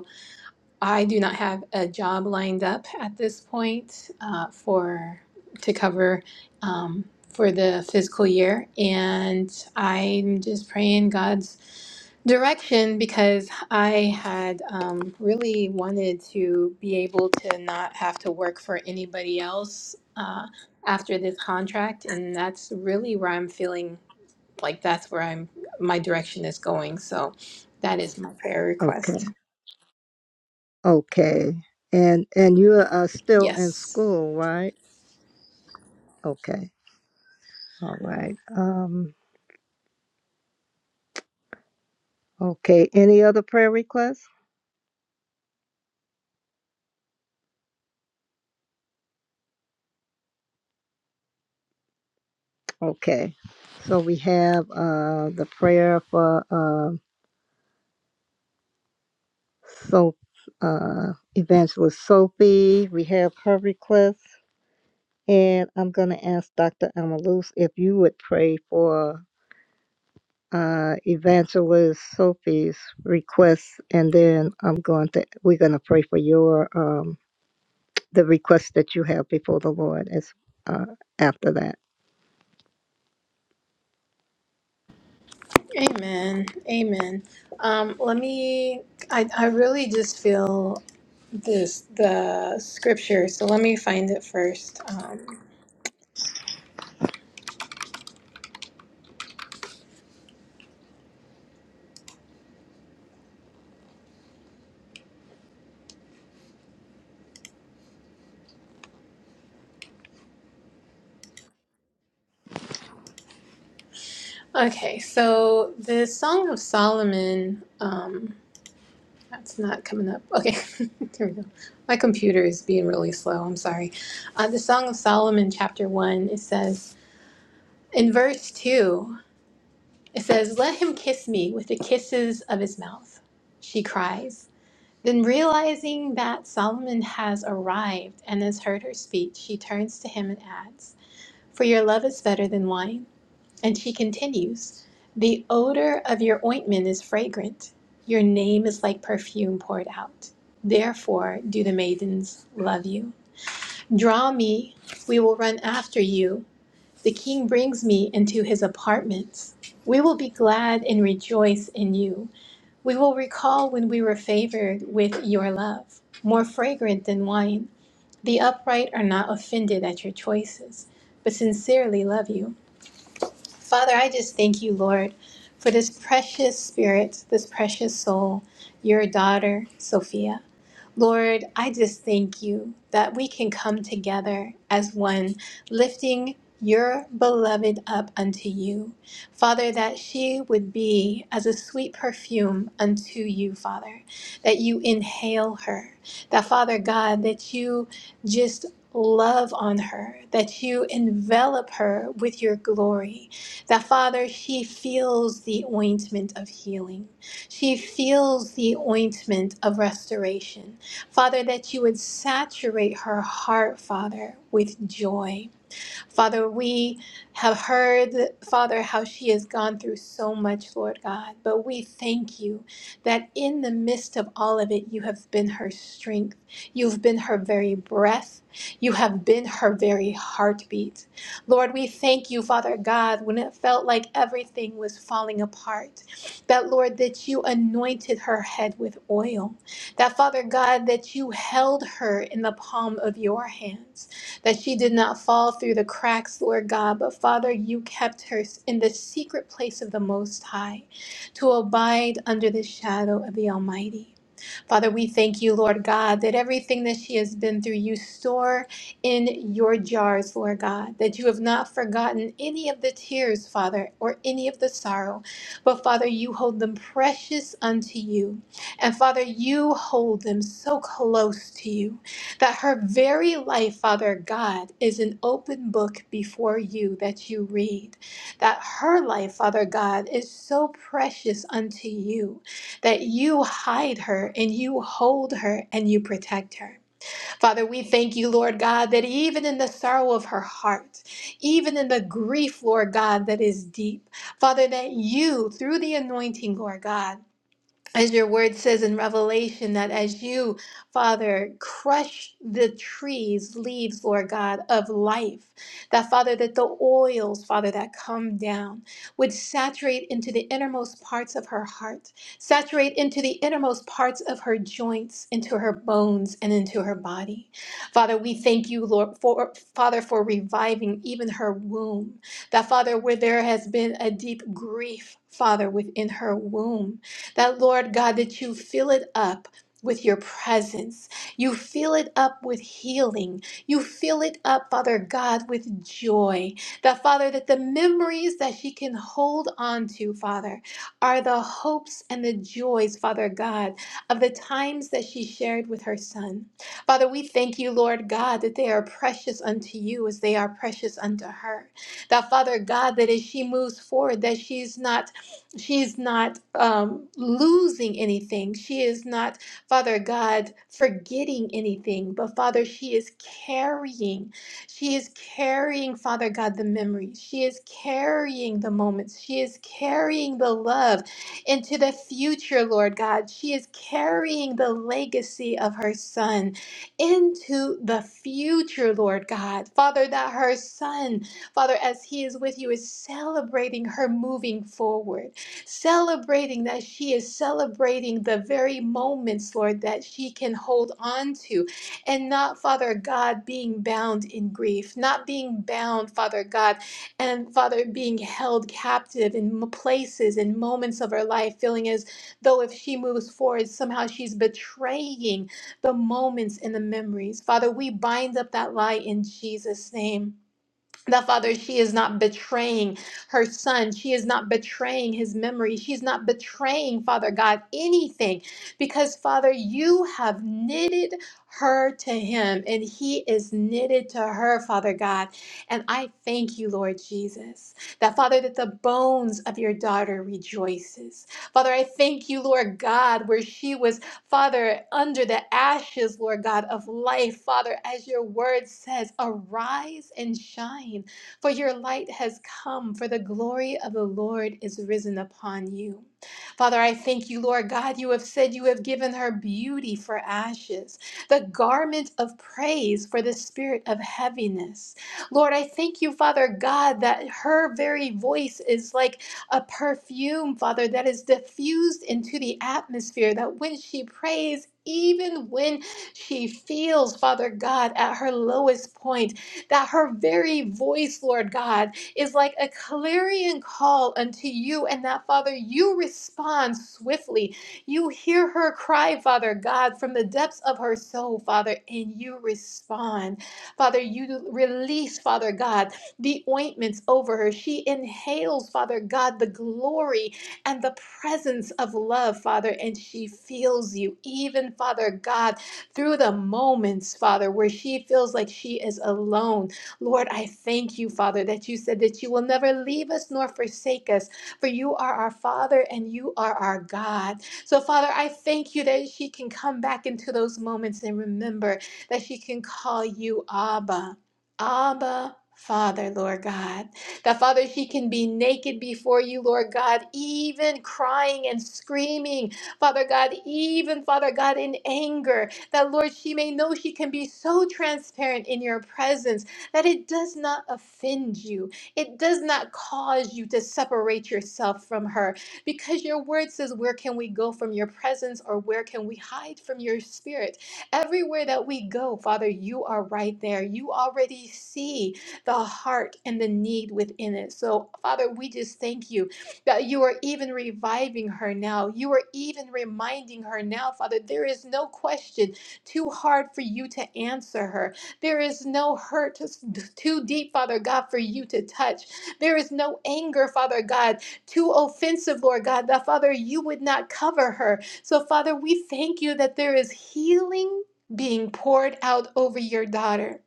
Speaker 9: I do not have a job lined up at this point uh, for to cover um, for the fiscal year, and I'm just praying God's direction because I had um, really wanted to be able to not have to work for anybody else uh, after this contract, and that's really where I'm feeling like that's where I'm my direction is going. So that is my prayer
Speaker 1: Okay.
Speaker 9: request.
Speaker 1: Okay. And and you are uh, still in
Speaker 9: Yes.
Speaker 1: school, right? Okay. All right. Um okay. Any other prayer requests? Okay. So we have uh the prayer for uh so uh evangelist Sophie. We have her request. And I'm gonna ask Dr. Amaluz if you would pray for uh evangelist Sophie's request and then I'm going to we're gonna pray for your um the request that you have before the Lord as uh, after that.
Speaker 9: Amen. Amen. Um, let me, I, I really just feel this, the scripture, so let me find it first. Um, okay, so the Song of Solomon, um, that's not coming up. Okay, *laughs* there we go. My computer is being really slow. I'm sorry. Uh, the Song of Solomon, chapter 1, it says, in verse 2, it says, Let him kiss me with the kisses of his mouth, she cries. Then, realizing that Solomon has arrived and has heard her speech, she turns to him and adds, For your love is better than wine. And she continues, The odor of your ointment is fragrant. Your name is like perfume poured out. Therefore, do the maidens love you. Draw me, we will run after you. The king brings me into his apartments. We will be glad and rejoice in you. We will recall when we were favored with your love, more fragrant than wine. The upright are not offended at your choices, but sincerely love you. Father, I just thank you, Lord, for this precious spirit, this precious soul, your daughter, Sophia. Lord, I just thank you that we can come together as one, lifting your beloved up unto you. Father, that she would be as a sweet perfume unto you, Father, that you inhale her, that Father God, that you just love on her, that you envelop her with your glory, that Father, she feels the ointment of healing. She feels the ointment of restoration. Father, that you would saturate her heart, Father, with joy. Father, we have heard, Father, how she has gone through so much, Lord God. But we thank you that in the midst of all of it, you have been her strength. You've been her very breath. You have been her very heartbeat. Lord, we thank you, Father God, when it felt like everything was falling apart, that, Lord, that you anointed her head with oil, that, Father God, that you held her in the palm of your hands that she did not fall through the cracks, Lord God, but Father, you kept her in the secret place of the Most High to abide under the shadow of the Almighty. Father, we thank you, Lord God, that everything that she has been through, you store in your jars, Lord God, that you have not forgotten any of the tears, Father, or any of the sorrow. But Father, you hold them precious unto you. And Father, you hold them so close to you that her very life, Father God, is an open book before you that you read. That her life, Father God, is so precious unto you that you hide her and you hold her and you protect her. Father, we thank you, Lord God, that even in the sorrow of her heart, even in the grief, Lord God, that is deep, Father, that you, through the anointing, Lord God, as your word says in Revelation, that as you, Father, crush the trees, leaves, Lord God, of life, that Father, that the oils, Father, that come down would saturate into the innermost parts of her heart, saturate into the innermost parts of her joints, into her bones, and into her body. Father, we thank you, Lord, for Father, for reviving even her womb. That Father, where there has been a deep grief, Father, within her womb. That, Lord God, that you fill it up. With your presence. You fill it up with healing. You fill it up, Father God, with joy. That, Father, that the memories that she can hold on to, Father, are the hopes and the joys, Father God, of the times that she shared with her son. Father, we thank you, Lord God, that they are precious unto you as they are precious unto her. That, Father God, that as she moves forward, that she's not she is not um, losing anything. She is not, Father God, forgetting anything. But Father, she is carrying. She is carrying, Father God, the memories. She is carrying the moments. She is carrying the love into the future, Lord God. She is carrying the legacy of her son into the future, Lord God. Father, that her son, Father, as he is with you, is celebrating her moving forward celebrating that she is celebrating the very moments, Lord, that she can hold on to, and not, Father God, being bound in grief, not being bound, Father God, and Father, being held captive in m- places and moments of her life, feeling as though if she moves forward, somehow she's betraying the moments and the memories. Father, we bind up that lie in Jesus' name that father she is not betraying her son she is not betraying his memory she's not betraying father god anything because father you have knitted her to him and he is knitted to her father god and i thank you lord jesus that father that the bones of your daughter rejoices father i thank you lord god where she was Father, under the ashes, Lord God, of life, Father, as your word says, arise and shine, for your light has come, for the glory of the Lord is risen upon you. Father, I thank you, Lord God, you have said you have given her beauty for ashes, the garment of praise for the spirit of heaviness. Lord, I thank you, Father God, that her very voice is like a perfume, Father, that is diffused into the atmosphere, that when she prays, even when she feels, Father God, at her lowest point, that her very voice, Lord God, is like a clarion call unto you, and that, Father, you respond swiftly. You hear her cry, Father God, from the depths of her soul, Father, and you respond. Father, you release, Father God, the ointments over her. She inhales, Father God, the glory and the presence of love, Father, and she feels you, even, Father God, through the moments, Father, where she feels like she is alone. Lord, I thank you, Father, that you said that you will never leave us nor forsake us, for you are our Father and you are our God. So, Father, I thank you that she can come back into those moments and remember that she can call you Abba. Abba, Father, Lord God. That, Father, she can be naked before you, Lord God, even crying and screaming, Father God, even, Father God, in anger. That, Lord, she may know she can be so transparent in your presence that it does not offend you. It does not cause you to separate yourself from her. Because your word says, Where can we go from your presence or where can we hide from your spirit? Everywhere that we go, Father, you are right there. You already see the heart and the need within it. So, Father, we just thank you that you are even reviving her now. You are even reminding her now, Father. There is no question too hard for you to answer her. There is no hurt too deep, Father God, for you to touch. There is no anger, Father God, too offensive, Lord God, that Father, you would not cover her. So, Father, we thank you that there is healing being poured out over your daughter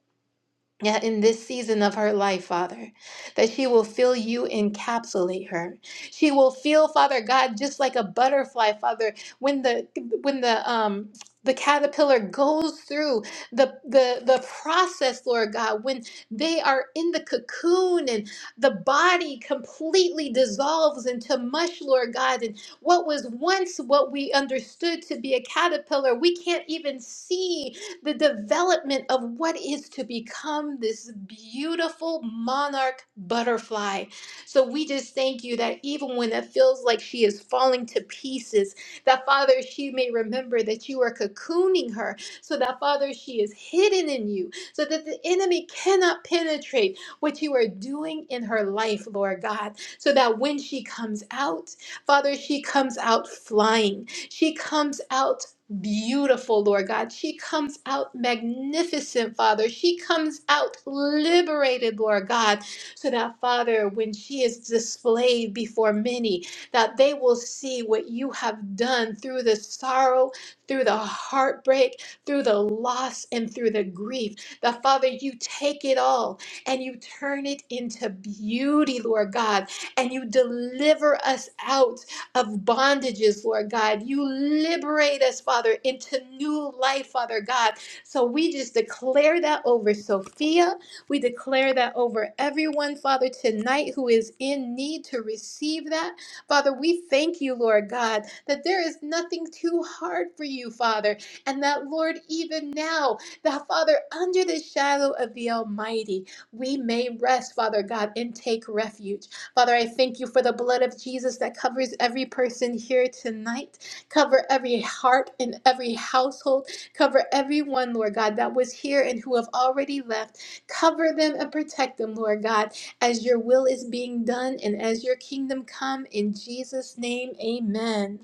Speaker 9: yeah, in this season of her life, Father, that she will feel you encapsulate her. She will feel, Father God, just like a butterfly, Father, when the when the um the caterpillar goes through the, the the process, Lord God, when they are in the cocoon and the body completely dissolves into mush, Lord God, and what was once what we understood to be a caterpillar, we can't even see the development of what is to become this beautiful monarch butterfly. So we just thank you that even when it feels like she is falling to pieces, that Father, she may remember that you are cocooning her, so that Father, she is hidden in you, so that the enemy cannot penetrate what you are doing in her life, Lord God, so that when she comes out, Father, she comes out flying. She comes out beautiful, Lord God. She comes out magnificent, Father. She comes out liberated, Lord God, so that, Father, when she is displayed before many, that they will see what you have done through the sorrow, through the heartbreak, through the loss, and through the grief. That, Father, you take it all and you turn it into beauty, Lord God, and you deliver us out of bondages, Lord God. You liberate us, Father, into new life, Father God. So we just declare that over Sophia. We declare that over everyone, Father, tonight who is in need to receive that. Father, we thank you, Lord God, that there is nothing too hard for you, Father, and that, Lord, even now, that, Father, under the shadow of the Almighty, we may rest, Father God, and take refuge. Father, I thank you for the blood of Jesus that covers every person here tonight. Cover every heart and every household. Cover everyone, Lord God, that was here and who have already left. Cover them and protect them, Lord God, as your will is being done and as your kingdom come. In Jesus' name, amen.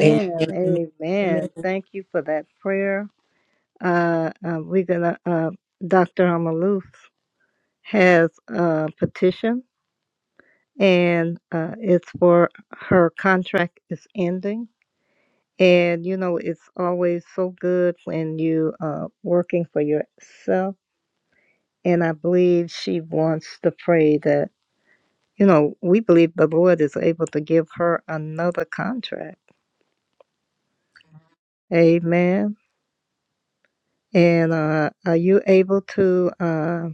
Speaker 3: Amen. Amen. Amen.
Speaker 1: Amen. Thank you for that prayer. Uh, uh, we're gonna. Uh, Dr. Amaluf has a petition, and uh, it's for her contract is ending. And you know, it's always so good when you are working for yourself. And I believe she wants to pray that You know, we believe the Lord is able to give her another contract. Amen. And uh, are you able to uh,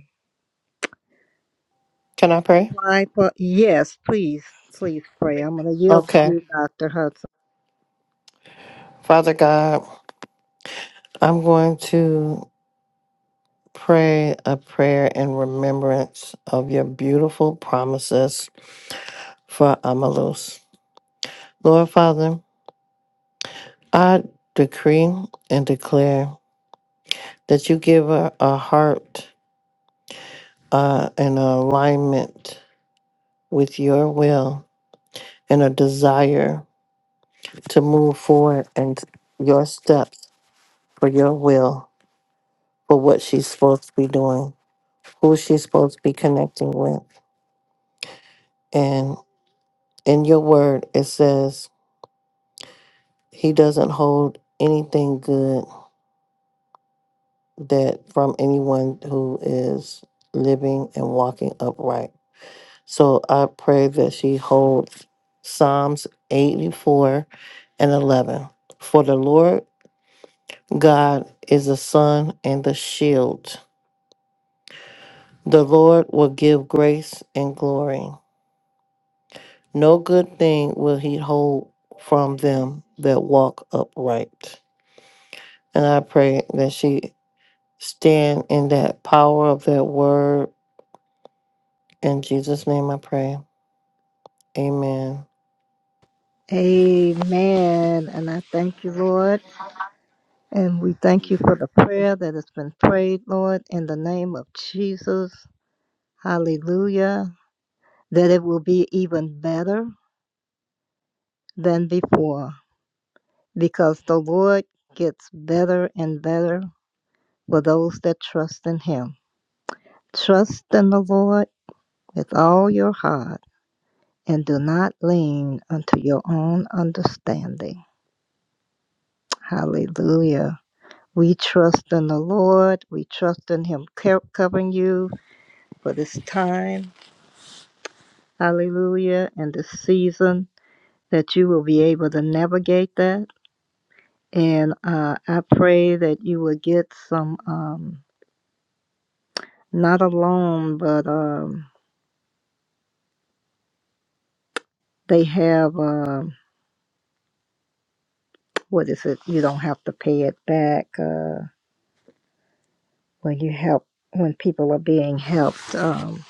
Speaker 2: Can I pray?
Speaker 1: apply for? Yes, please, please pray. I'm going to yield to
Speaker 2: Okay.
Speaker 1: you, Dr. Hudson.
Speaker 2: Father God, I'm going to pray a prayer in remembrance of your beautiful promises for Amalus. Lord Father, I decree and declare that you give her a heart uh, and alignment with your will and a desire to move forward and your steps for your will for what she's supposed to be doing, who she's supposed to be connecting with. And in your word, it says he doesn't hold anything good that from anyone who is living and walking upright. So I pray that she holds Psalms 84 and 11. For the Lord God is the sun and the shield. The Lord will give grace and glory. No good thing will he hold from them that walk upright. And I pray that she stand in that power of that word. In Jesus' name I pray. Amen.
Speaker 1: Amen. And I thank you, Lord. And we thank you for the prayer that has been prayed, Lord, in the name of Jesus. Hallelujah. That it will be even better than before because the Lord gets better and better for those that trust in him. Trust in the Lord with all your heart and do not lean unto your own understanding. Hallelujah. We trust in the Lord. We trust in him covering you for this time. Hallelujah. And this season that you will be able to navigate that. And uh, I pray that you will get some, um, not alone, but um, they have. Um, what is it? You don't have to pay it back uh, when you help when people are being helped. Um,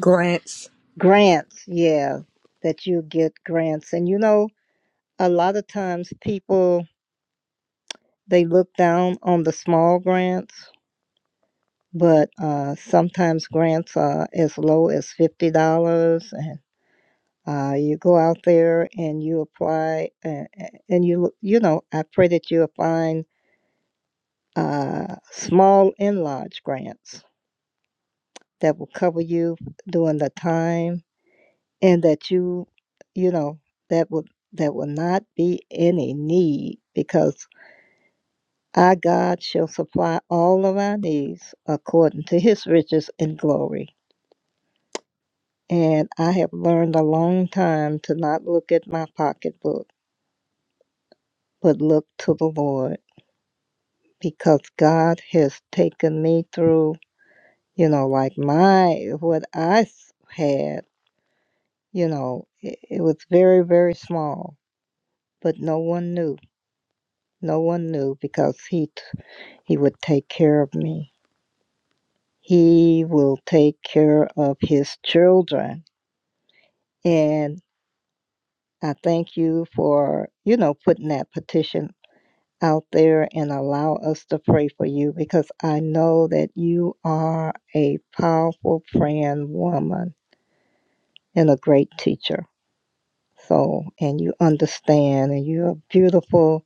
Speaker 3: Grants.
Speaker 1: grants, yeah, that you get grants, and you know a lot of times people they look down on the small grants, but uh, sometimes grants are as low as fifty dollars and. Uh, you go out there and you apply, and, and you you know I pray that you find uh, small and large grants that will cover you during the time and that you you know that will that will not be any need because our God shall supply all of our needs according to his riches and glory. And I have learned a long time to not look at my pocketbook, but look to the Lord because God has taken me through, you know, like my, what I s- had, you know, it, it was very, very small but no one knew. No one knew because he t- he would take care of me. He will take care of his children, and I thank you for you know putting that petition out there and allow us to pray for you because I know that you are a powerful praying woman and a great teacher. So, and you understand, and you're a beautiful,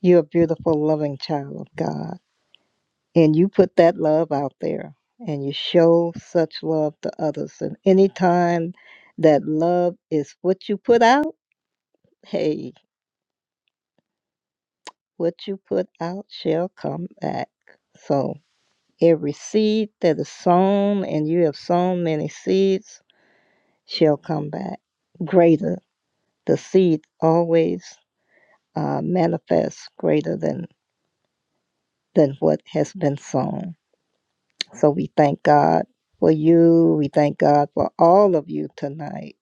Speaker 1: you're a beautiful, loving child of God. and you put that love out there and you show such love to others and anytime that love is what you put out hey what you put out shall come back so every seed that is sown and you have sown many seeds shall come back greater the seed always uh, manifests greater than than what has been sown so we thank god for you we thank god for all of you tonight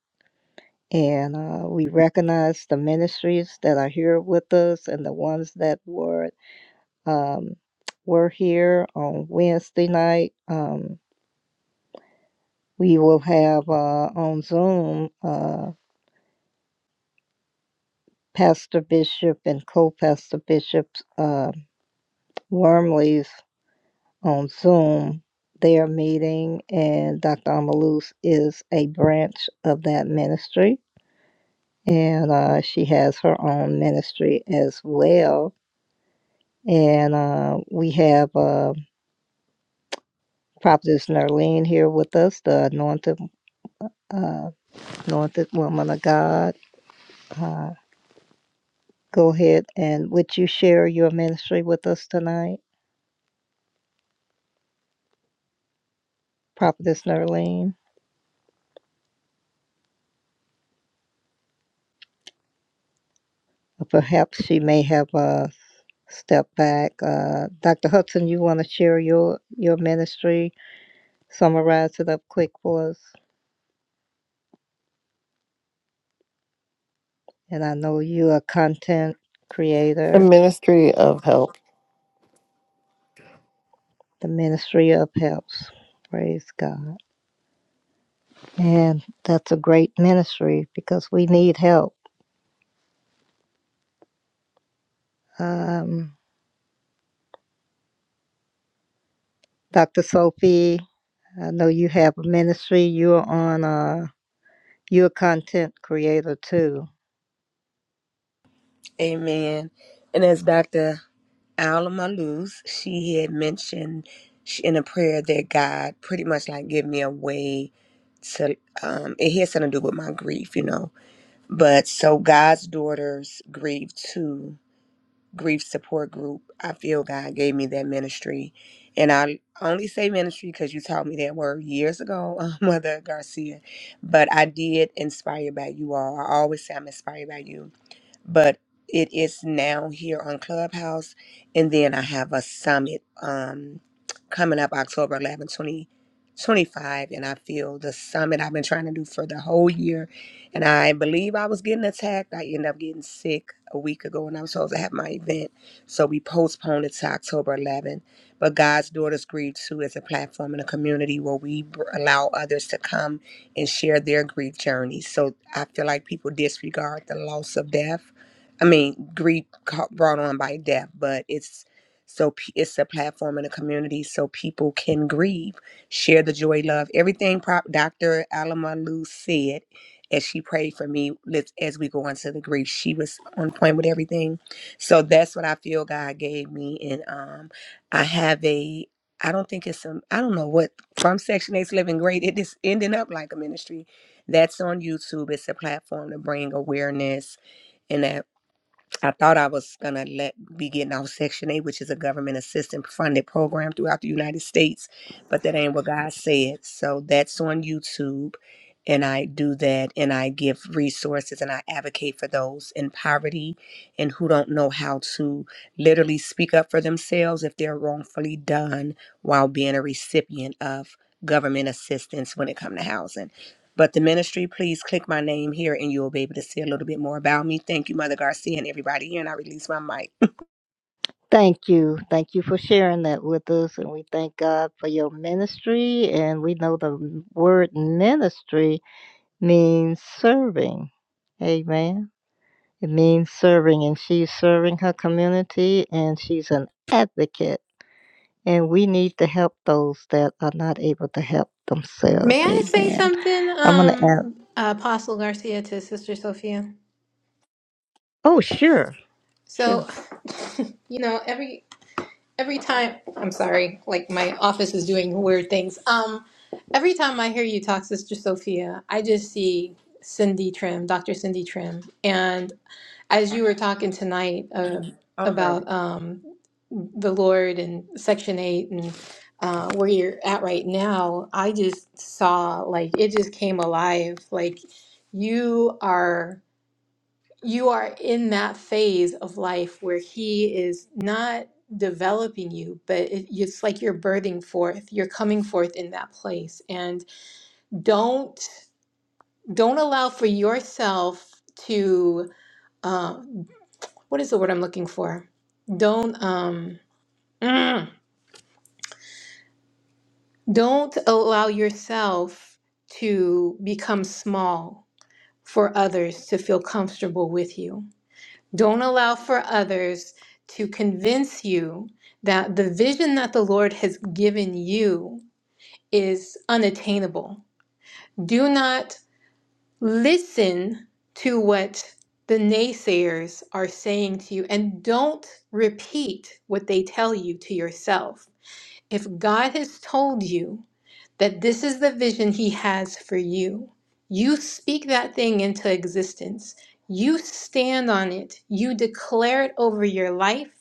Speaker 1: And uh, we recognize the ministries that are here with us and the ones that were um, were here on Wednesday night. Um, we will have uh, on Zoom uh, Pastor Bishop and co-pastor Bishop uh, Wormley's on Zoom their meeting, and Dr. Amaluz is a branch of that ministry, and uh, she has her own ministry as well And uh, we have uh, Prophetess Nerlene here with us, the anointed, uh, anointed woman of God. Uh, go ahead and would you share your ministry with us tonight, Prophetess Nerlene? Perhaps she may have uh, stepped back. Uh, Dr. Hudson, you want to share your, your ministry? Summarize it up quick for us. And I know you are a content
Speaker 2: The
Speaker 1: creator,
Speaker 2: ministry of help.
Speaker 1: the ministry of helps. Praise God. And that's a great ministry because we need help. Um, Dr. Sophie, I know you have a ministry. You're on, uh, you're a content creator too.
Speaker 3: Amen. And as Dr. Alma Luz, she had mentioned sh- in a prayer that God pretty much like give me a way to, um, it has something to do with my grief, you know. But so God's daughters grieve too, grief support group. I feel God gave me that ministry. And I only say ministry because you taught me that word years ago, *laughs* uh, Mother Garcia. But I did inspire by you all. I always say I'm inspired by you but it is now here on Clubhouse. And then I have a summit um, coming up October 11, 2025. And I feel the summit I've been trying to do for the whole year. And I believe I was getting attacked. I ended up getting sick a week ago and I was supposed to have my event. So we postponed it to October 11. But God's Daughters Grieve Too is a platform and a community where we br- allow others to come and share their grief journeys. So I feel like people disregard the loss of death I mean, grief ca- brought on by death, but it's so pe- it's a platform in a community so people can grieve, share the joy, love, everything. Prop Dr. Alama Lou said as she prayed for me let's, as we go into the grief, she was on point with everything. So that's what I feel God gave me, and um, I have a. I don't think it's some. I don't know what from Section Eight's Living Great. It is ending up like a ministry. That's on YouTube. It's a platform to bring awareness and I thought I was gonna let be getting off Section Eight, which is a government assistance funded program throughout the United States, but that ain't what God said. So that's on YouTube, and I do that, and I give resources, and I advocate for those in poverty and who don't know how to literally speak up for themselves if they're wrongfully done while being a recipient of government assistance when it comes to housing. But the ministry, please click my name here and you'll be able to see a little bit more about me. Thank you, Mother Garcia, and everybody here. And I release my mic.
Speaker 1: Thank you. Thank you for sharing that with us. And we thank God for your ministry. And we know the word ministry means serving. Amen. It means serving. And she's serving her community and she's an advocate And we need to help those that are not able to help themselves.
Speaker 9: May I say
Speaker 1: Amen.
Speaker 9: something,
Speaker 1: I'm going to ask.
Speaker 9: um, Apostle Garcia to Sister Sophia?
Speaker 1: Oh, sure. Sure.
Speaker 9: So, *laughs* you know, every every time i'm sorry like my office is doing weird things um every time i hear you talk sister sophia i just see cindy trim dr cindy trim and as
Speaker 3: *laughs*
Speaker 9: you were talking tonight uh,
Speaker 3: Oh my
Speaker 9: about um the lord and section 8 and uh, where you're at right now i just saw like it just came alive like you are you are in that phase of life where he is not developing you but it, it's like you're birthing forth you're coming forth in that place and don't don't allow for yourself to um what is the word i'm looking for don't um *clears throat* mm, don't allow yourself to become small for others to feel comfortable with you Don't allow for others to convince you that the vision that the Lord has given you is unattainable. Do not listen to what the naysayers are saying to you and don't repeat what they tell you to yourself. If God has told you, that this is the vision He has for you. You speak that thing into existence. You stand on it. You declare it over your life.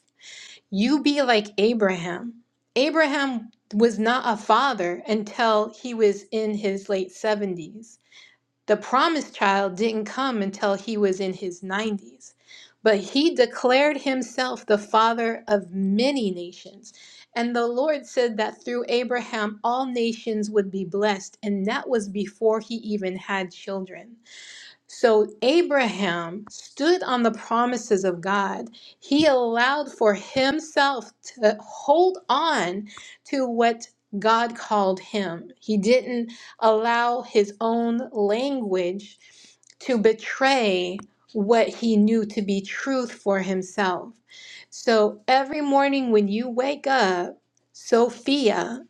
Speaker 9: You be like Abraham. Abraham was not a father until he was in his late 70s the promised child didn't come until he was in his 90s, but he declared himself the father of many nations. And the Lord said that through Abraham, all nations would be blessed, and that was before he even had children. So Abraham stood on the promises of God. He allowed for himself to hold on to what God called him. He didn't allow his own language to betray what he knew to be truth for himself. So every morning when you wake up, Sophia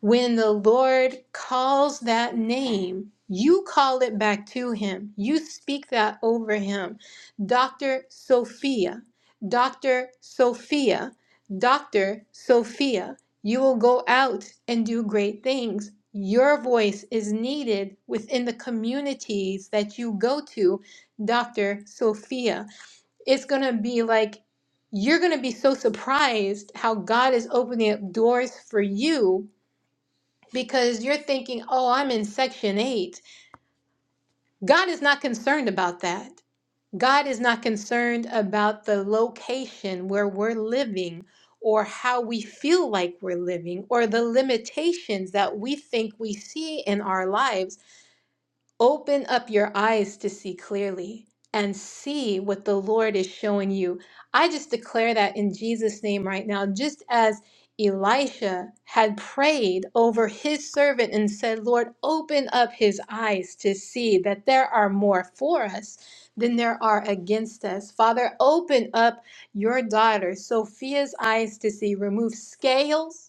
Speaker 9: when the Lord calls that name, you call it back to him. You speak that over him. Dr. Sophia, Dr. Sophia, Dr. Sophia, you will go out and do great things. Your voice is needed within the communities that you go to, Dr. Sophia. It's going to be like you're going to be so surprised how God is opening up doors for you because you're thinking, oh, I'm in section eight. God is not concerned about that. God is not concerned about the location where we're living or how we feel like we're living or the limitations that we think we see in our lives Open up your eyes to see clearly and see what the Lord is showing you. I just declare that in Jesus' name right now, just as Elisha had prayed over his servant and said, Lord, open up his eyes to see that there are more for us than there are against us. Father, open up your daughter, Sophia's eyes to see. Remove scales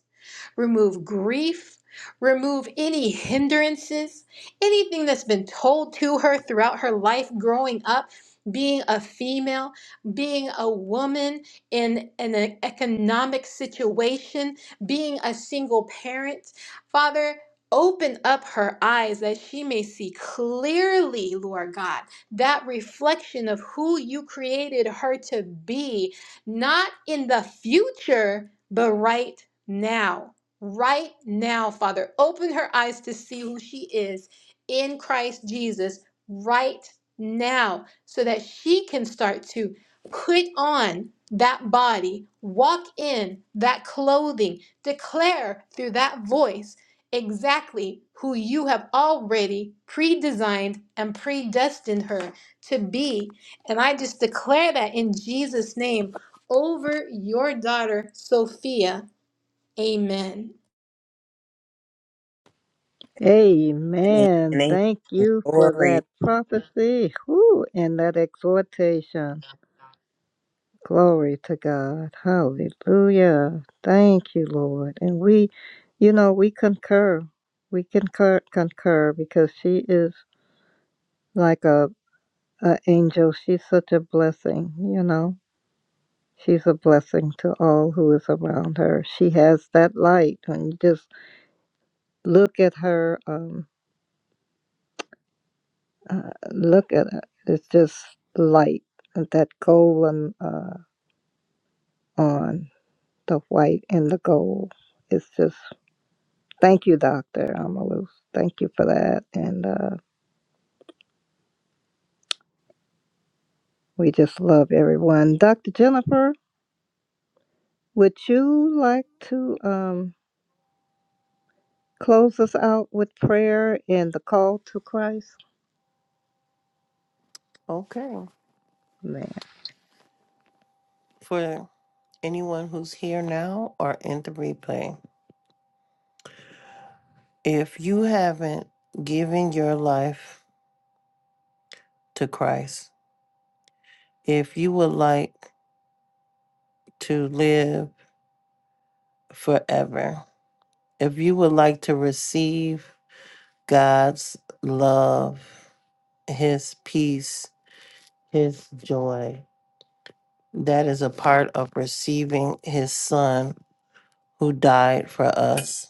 Speaker 9: remove grief, remove any hindrances, anything that's been told to her throughout her life growing up, being a female, being a woman in an e-, economic situation, being a single parent. Father, Open up her eyes that she may see clearly, Lord God, that reflection of who you created her to be, not in the future, but right now right now, Father. Open her eyes to see who she is in Christ Jesus right now so that she can start to put on that body, walk in that clothing, declare through that voice exactly who you have already pre designed and predestined her to be. And I just declare that in Jesus' name over your daughter, Sophia. Amen.
Speaker 1: Amen.
Speaker 3: goodness.
Speaker 1: Thank you for
Speaker 3: Glory.
Speaker 1: that prophecy whew, and that exhortation. Glory to God. Hallelujah. Thank you, Lord. And we, you know, we concur. We concur, concur because she is like a, a angel. She's such a blessing, you know. She's a blessing to all who is around her. She has that light. When you just look at her, um, uh, look at it, it's just light. uh, That golden uh, on the white and the gold. It's just thank you, Doctor Amalus. Thank you for that, and uh, we just love everyone. Doctor Jennifer, would you like to um, close us out with prayer and the call to Christ?
Speaker 2: Okay.
Speaker 1: Amen.
Speaker 2: For anyone who's here now or in the replay, if you haven't given your life to Christ, if you would like to live forever, if you would like to receive God's love, His peace, His joy. That is a part of receiving His Son who died for us.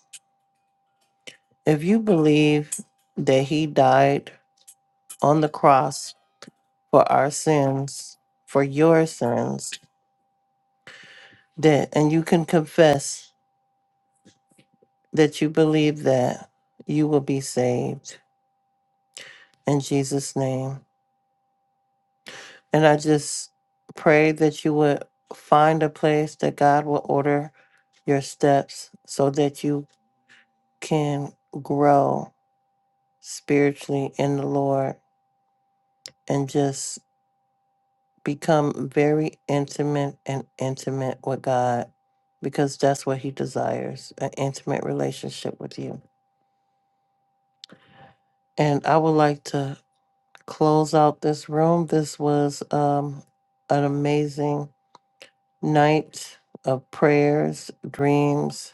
Speaker 2: If you believe that He died on the cross for our sins, for your sins, that, and you can confess that you believe that, you will be saved in Jesus' name. And I just pray that you would find a place that God will order your steps so that you can grow spiritually in the Lord and just become very intimate and intimate with God because that's what He desires an intimate relationship with you. And I would like to close out this room. This was um, an amazing night of prayers, dreams,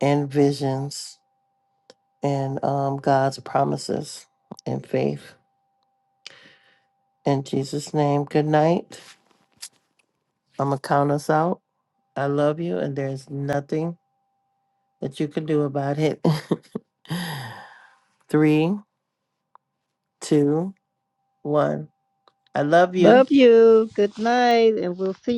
Speaker 2: and visions, and um, God's promises and faith. In Jesus' name, good night. I'm going to count us out. I love you, and there's nothing that you can do about it. *laughs* Three, two, one. I love you.
Speaker 1: Love you. Good night, and we'll see. you.